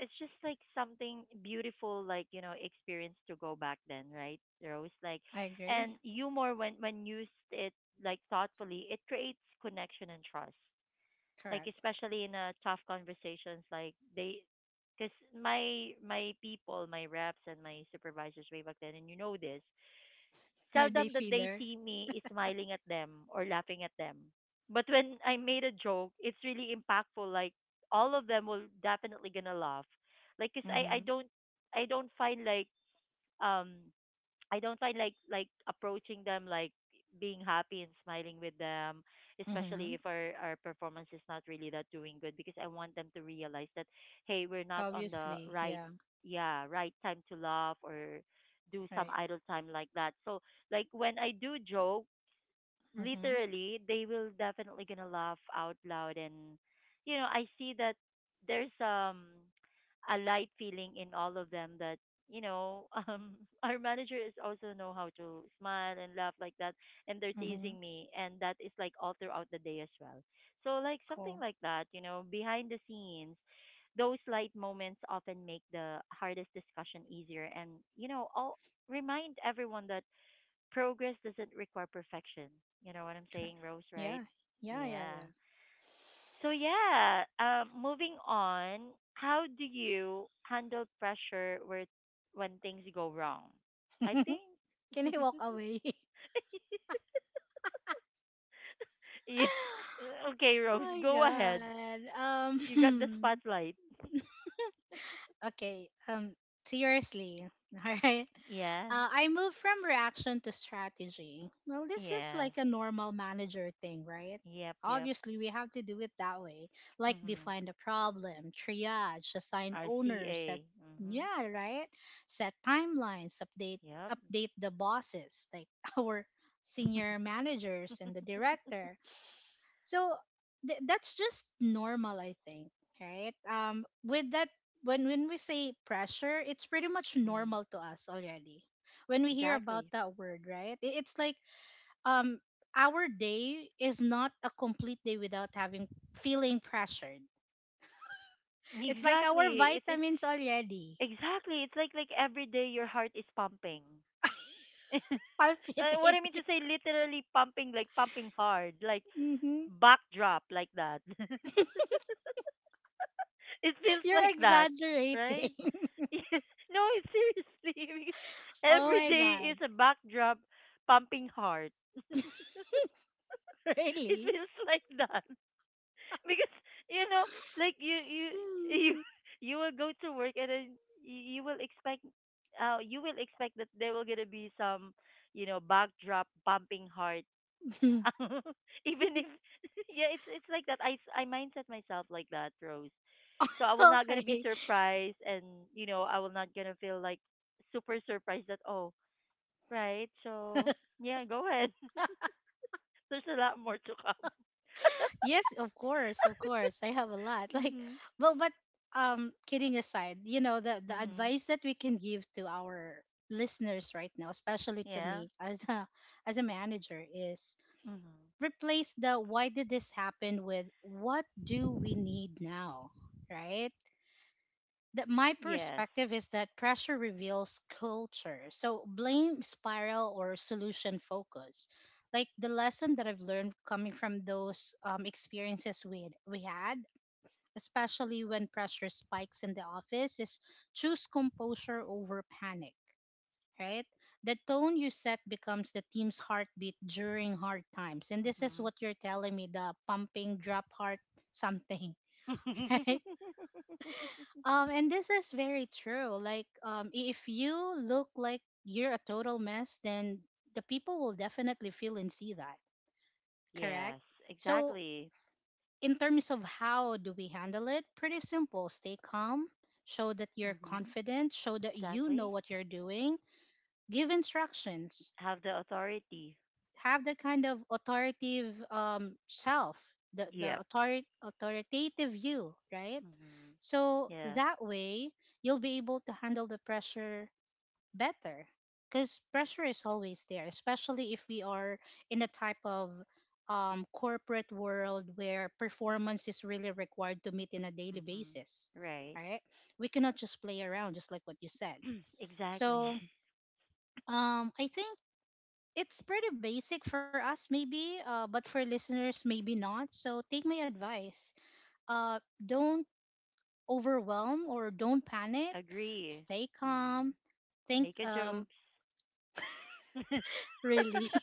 it's just like something beautiful, like experience to go back then, right, Rose? Like
I agree.
and humor, when used it like thoughtfully, it creates connection and trust, like
Correct.
especially in tough conversations, like they, because my people, my reps and my supervisors way back then, and you know this,
Are they
seldom that they
feeler?
see me smiling at them or laughing at them. But when I made a joke, it's really impactful, like all of them will definitely gonna laugh. Like 'cause
Mm-hmm.
i don't find like um I don't find like approaching them like being happy and smiling with them,
Mm-hmm.
especially if our performance is not really that doing good, because I want them to realize that hey, we're not on the
Obviously.
right.
Yeah.
Yeah, right time to laugh or do some
Right.
idle time like that. So like when I do joke,
Mm-hmm.
literally they will definitely gonna laugh out loud, and I see that there's a light feeling in all of them that you know um our manager is also know how to smile and laugh like that, and they're
Mm-hmm.
teasing me, and that is like all throughout the day as well. So like something
Cool.
like that, behind the scenes, those light moments often make the hardest discussion easier, and all remind everyone that progress doesn't require perfection. You know what I'm
Sure.
saying, Rose, right?
Yeah. Yeah. Yeah.
Yeah.
Yeah.
So yeah, moving on, how do you handle pressure where when things go wrong? I think
Can he walk away?
yeah. Okay, Rose,
Oh
go ahead.
my god.
You got the
Um.
spotlight.
Okay. Seriously. All right.
Yeah.
I moved from reaction to strategy. Well, this is
Yes.
like a normal manager thing, right?
Yep, yep.
Obviously, we have to do it that way. Like
Mhm.
define the problem, triage, assign owners, set
RCA. Mhm.
yeah, right? Set timelines, update
Yep.
update the bosses, like our senior managers and the director, so that's just normal, I think, right? With that, when we say pressure, it's pretty much
Mm.
normal to us already. When we hear about
Exactly.
that word, right? It's like um, our day is not a complete day without having feeling pressured. It's like our
Exactly. It's it's.
vitamins already.
Exactly. It's like every day your heart is pumping. What
Palpitating.
I mean to say, literally pumping, like pumping hard, like
hmm
backdrop, like that. It feels
You're
like that,
exaggerating.
right? Yes. No, it's seriously, because
Oh
every
my
day
god,
is a backdrop pumping heart. It
really?
feels like that. Because you know like you you will go to work and then you will expect that there will gonna be some backdrop pumping heart.
Hmm.
Even if yeah, it's like that. I mindset myself like that, Rose, so I will not gonna be
Okay.
surprised, and I will not gonna feel like super surprised that oh, right. So yeah, go ahead. There's a lot more to come.
Yes, of course, of course. I have a lot. Like,
Mhm.
well, but kidding aside, you know, the
Mhm.
advice that we can give to our listeners right now, especially to
Yeah.
me as a manager, is
Mhm.
replace the "why did this happen" with "what do we need now?" Right? That my
Yes.
perspective is that pressure reveals culture. So blame spiral or solution focus. Like the lesson that I've learned coming from those experiences we had, especially when pressure spikes in the office, is choose composure over panic. Right, the tone you set becomes the team's heartbeat during hard times, and this is
Mhm.
what you're telling me—the pumping, drop heart, something, right? And this is very true. Like, if you look like you're a total mess, then the people will definitely feel and see that, correct?
Yes,
So,
exactly.
in terms of how do we handle it, pretty simple. Stay calm, show that you're
Mhm.
confident, show that you know
Exactly.
what you're doing, give instructions,
Have the authority.
have that kind of authoritative self, the, the
Yep.
author- authoritative you, right?
Mhm.
So
Yes.
that way, you'll be able to handle the pressure better because pressure is always there, especially if we are in a type of corporate world where performance is really required to meet in a daily
Mhm.
basis.
Right.
All right, we cannot just play around, just like what you said.
Exactly.
So I think it's pretty basic for us, maybe, but for listeners, maybe not. So take my advice. Don't overwhelm or don't panic.
Agree.
Stay calm.
Mhm.
Think
Make a jokes.
really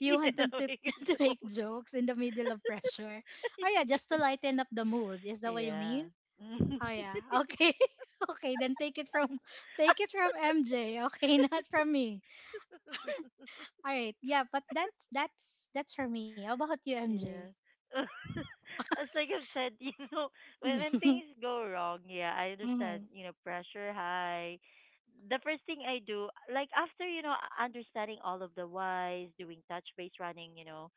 you want
Yeah,
them
make a
to make
jokes.
jokes in the middle of pressure. Oh yeah, just to lighten up the mood. Is that what you
Yeah.
mean? Oh yeah. Okay. Okay, then take it from MJ. Okay, not from me. All right. Yeah, but that's for me. How about you, MJ?
Yeah. As like I've said, when when
Mhm.
things go wrong, yeah, I understand,
Mhm.
pressure high. The first thing I do, like after, understanding all of the whys, doing touch base running,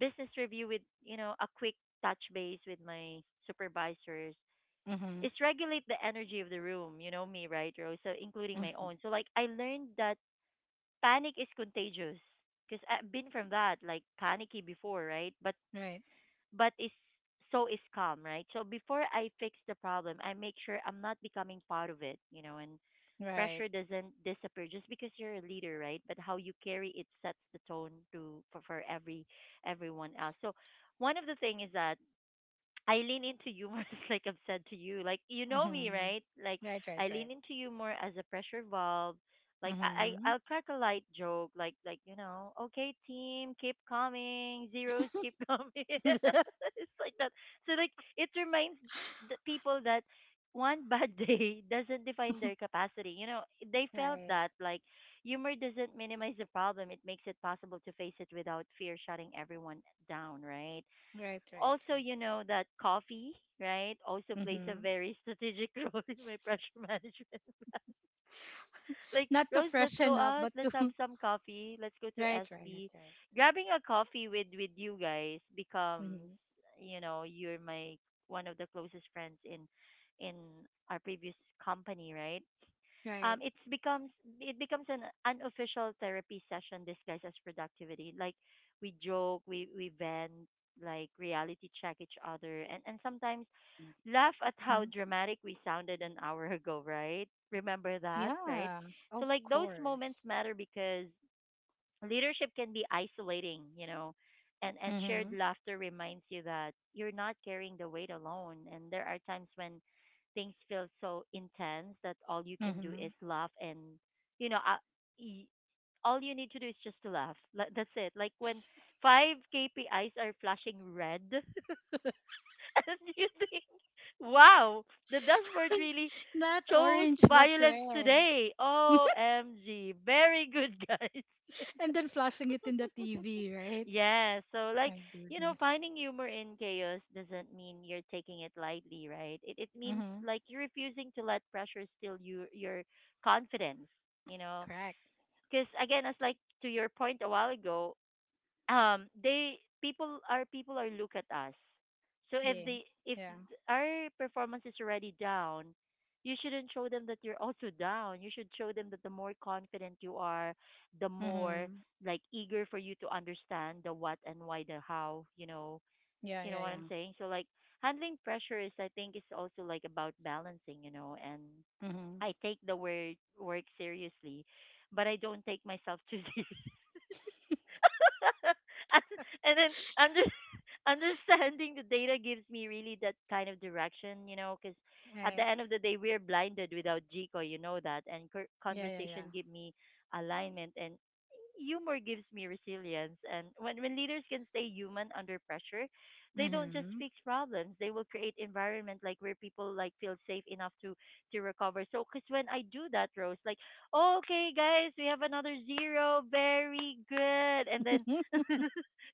business review with, a quick touch base with my supervisors,
Mhm.
is regulate the energy of the room, you know me, right, Rose? So including
Mhm.
my own. So like I learned that panic is contagious because I've been from that, like panicky before, right? But
Right.
is, so is calm, right? So before I fix the problem, I make sure I'm not becoming part of it, and
Right.
pressure doesn't disappear just because you're a leader, right? But how you carry it sets the tone to for everyone else. So one of the thing is that I lean into humor, like I've said to you. Like you know me,
Mhm.
right? Like
Right, right,
I
right.
lean into humor as a pressure valve. Like I, I
Mhm.
I'll crack a light joke, like okay team, keep coming, zeros keep coming. It's like that. So like it reminds the people that one bad day doesn't define their capacity. You know, they felt
Right.
that like humor doesn't minimize the problem. It makes it possible to face it without fear shutting everyone down, right?
Right, right,
Also,
right.
you know that coffee, right, also plays a
Mhm.
very strategic role in my pressure management, like,
Not to
Rose, let's go
freshen up,
out.
but to
Let's have some coffee. Let's go to
right, right,
SB.
right.
Grabbing a coffee with you guys becomes,
Mm-hmm.
you're my one of the closest friends in our previous company, right?
Right.
It's becomes it becomes an unofficial therapy session disguised as productivity. Like we joke, we vent, like reality check each other, and sometimes laugh at
Hmm.
how dramatic we sounded an hour ago. Right? Remember that?
Yeah,
Right?
of
So like those
course.
moments matter because leadership can be isolating, and
Mm-hmm.
shared laughter reminds you that you're not carrying the weight alone. And there are times when things feel so intense that all you can do
Mm-hmm.
is laugh, and you know uh, all you need to do is just to laugh, like, that's it, like when five KPIs are flashing red. And you think, wow, the dashboard really
Not
chose
orange, but
violence
red.
today. OMG. Very good, guys.
And then flashing it in the TV, right?
Yeah, so like,
My goodness.
finding humor in chaos doesn't mean you're taking it lightly, right? It means
Mm-hmm.
like you're refusing to let pressure steal your confidence, you know.
Correct.
Cuz again, as like to your point a while ago, they people our people are look at us. So if
Yeah.
they if
Yeah.
our performance is already down, you shouldn't show them that you're also down. You should show them that the more confident you are, the more
Mm-hmm.
like eager for you to understand the what and why, the how, you know.
Yeah,
You know
yeah,
what I'm
yeah.
saying? So like handling pressure is, I think, is also like about balancing, you know. And
Mm-hmm.
I take the word work seriously, but I don't take myself too seriously. and and then under, understanding the data gives me really that kind of direction, you know, because at the
Right.
end of the day, we're blinded without Jico, you know that. And
Yeah, yeah,
conversation give me alignment, and humor gives me resilience. And when leaders can stay human under pressure,
yeah.
they don't just
Mm-hmm.
fix problems. They will create environment like where people like feel safe enough to recover. So, cause when I do that, Rose, like, okay, guys, we have another zero, very good. And then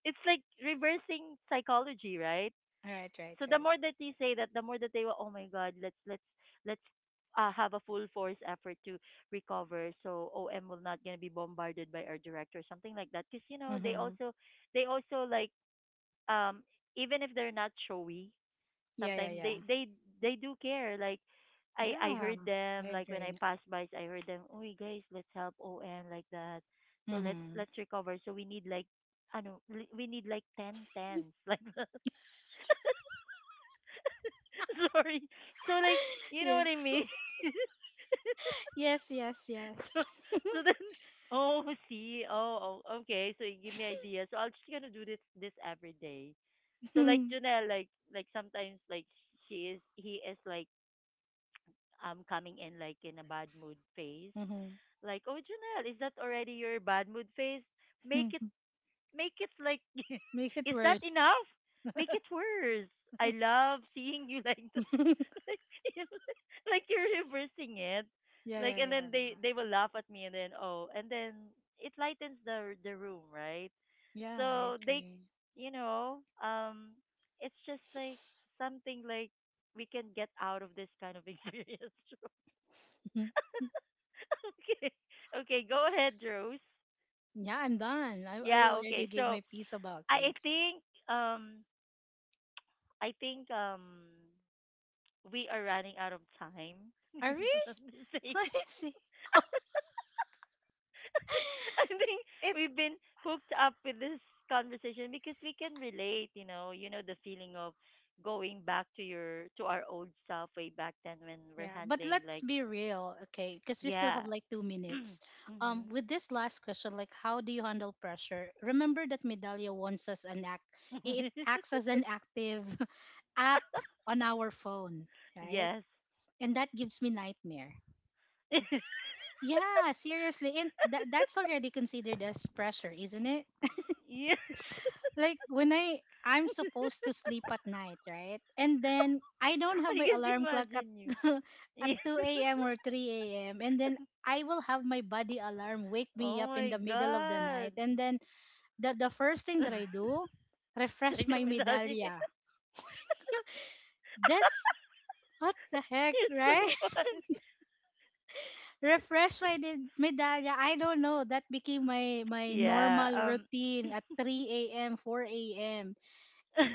it's like reversing psychology, right?
Right, right,
So the
right.
more that you say that, the more that they will, oh my God, let's have a full force effort to recover. So OM will not gonna be bombarded by our director, something like that. Because you know they
Mm-hmm.
also like um even if they're not showy,
Yeah, yeah,
sometimes
yeah.
they do care. Like I
Yeah,
heard
I
them like when I
agree.
passed by, I heard them. Oh guys, let's help OM like that. So let's
Mm-hmm.
let's recover. So we need like, I know, we need like ten tens like that. Sorry. So like, you know
Yeah.
what I mean?
Yes, yes,
so
yes.
so then oh see oh, oh okay, so you give me ideas, so I'm just gonna do this every day. So like Janelle, sometimes like she is he is like coming in like in a bad mood phase.
Mm-hmm.
Like, oh Janelle, is that already your bad mood phase? Make it make it like
Make it
is that
worse.
enough? Make it worse. I love seeing you like that.
Yeah,
Like, you know, like you're reversing it.
yeah,
Like, and
yeah, yeah.
then they will laugh at me, and then oh, and then it lightens the room, right?
Yeah, I
So they,
agree.
you know, it's just like something like we can get out of this kind of experience. Joe. okay. Okay, go ahead, Rose.
Yeah, I'm done. I
Yeah,
already
okay.
gave
So
my piece about
I I
this.
think um I think we are running out of time.
Are
If
we?
I'm not mistaken,
Let me see.
I think
It
we've been hooked up with this conversation because we can relate. You know the feeling of going back to your to our old self way back then when we're
Yeah, but
handling
let's
like
be real, okay? Because we still
yeah.
have like two minutes. Um,
Mhm.
with this last question, like, how do you handle pressure? Remember that Medallia wants us an act. It acts as an active app on our phone, right?
Yes.
And that gives me nightmare. Yeah, seriously. And that's already considered as pressure, isn't it?
Yeah,
Like when I'm supposed to sleep at night, right? And then I don't
I
have my
can't
alarm clock at
imagine you.
at
Yeah.
2 a.m. or 3 a.m. and then I will have my body alarm wake me
Oh
up in
my
the middle of the
god.
night. And then the first thing that I do, refresh
Check the
my
medallion.
medallia. That's what the heck,
You're so
right?
funny.
Refresh my medallia. I don't know. That became my
Yeah.
normal routine at 3 a.m., 4 a.m.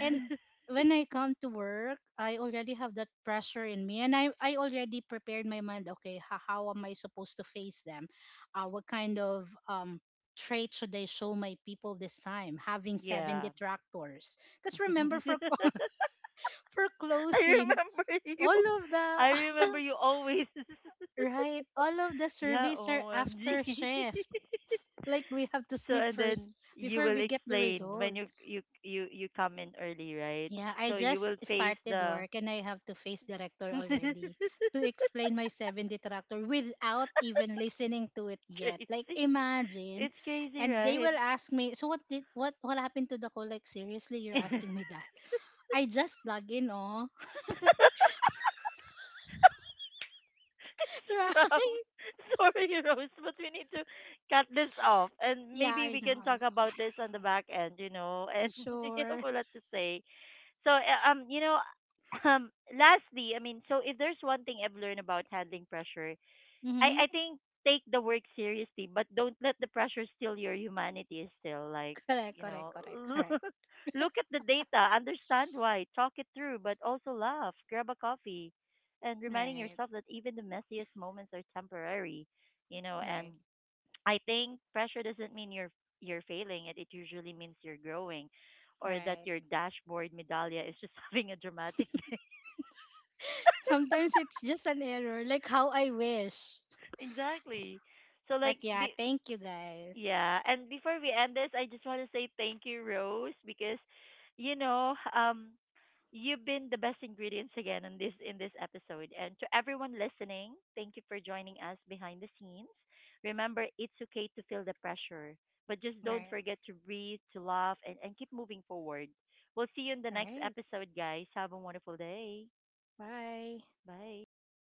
And when I come to work, I already have that pressure in me, and I already prepared my mind. Okay, how am I supposed to face them? What kind of trait should I show my people this time? Having seven
Yeah.
detractors, because remember for for
I
closing,
remember you.
all of the
I remember you always.
right, all of the
Yeah.
surveys are
OMG.
after chef like we have to
So
sleep
and
first
then you
before
will
we get the
explain
result.
when you come in early, right?
Yeah, I
So you
just
will face
started
the.
work and I have to face director already to explain my 7D tractor without even listening to it yet. Like
Tracy.
imagine,
It's crazy,
and they
right?
will ask me, so what did what happened to the call? Like seriously, you're asking me that? I just log in, oh,
Rob,
right?
sorry, Rose, but we need to cut this off, and
Yeah,
maybe
I
we
know.
can
I
talk
know.
about this on the back end, you know, and we have a
Sure.
lot to say. So, you know, lastly, I mean, so if there's one thing I've learned about handling pressure,
Mm-hmm.
I think take the work seriously, but don't let the pressure steal your humanity. Still, like
Correct.
you
Correct.
know,
Correct. Correct.
look at the data, understand why, talk it through, but also laugh, grab a coffee, and reminding
Right.
yourself that even the messiest moments are temporary. You know, and
Right.
I think pressure doesn't mean you're failing. It usually means you're growing, or that
Right.
your dashboard medallia is just having a dramatic day.
Sometimes it's just an error, like how I wish.
Exactly. So
But
like
yeah,
be,
thank you guys.
yeah, and before we end this, I just want to say thank you, Rose, because you know, you've been the best ingredients again in this episode. And to everyone listening, thank you for joining us behind the scenes. Remember, it's okay to feel the pressure, but just don't
Right.
forget to breathe, to laugh, and keep moving forward. We'll see you in the
All
next
right.
episode, guys. Have a wonderful day.
Bye.
Bye.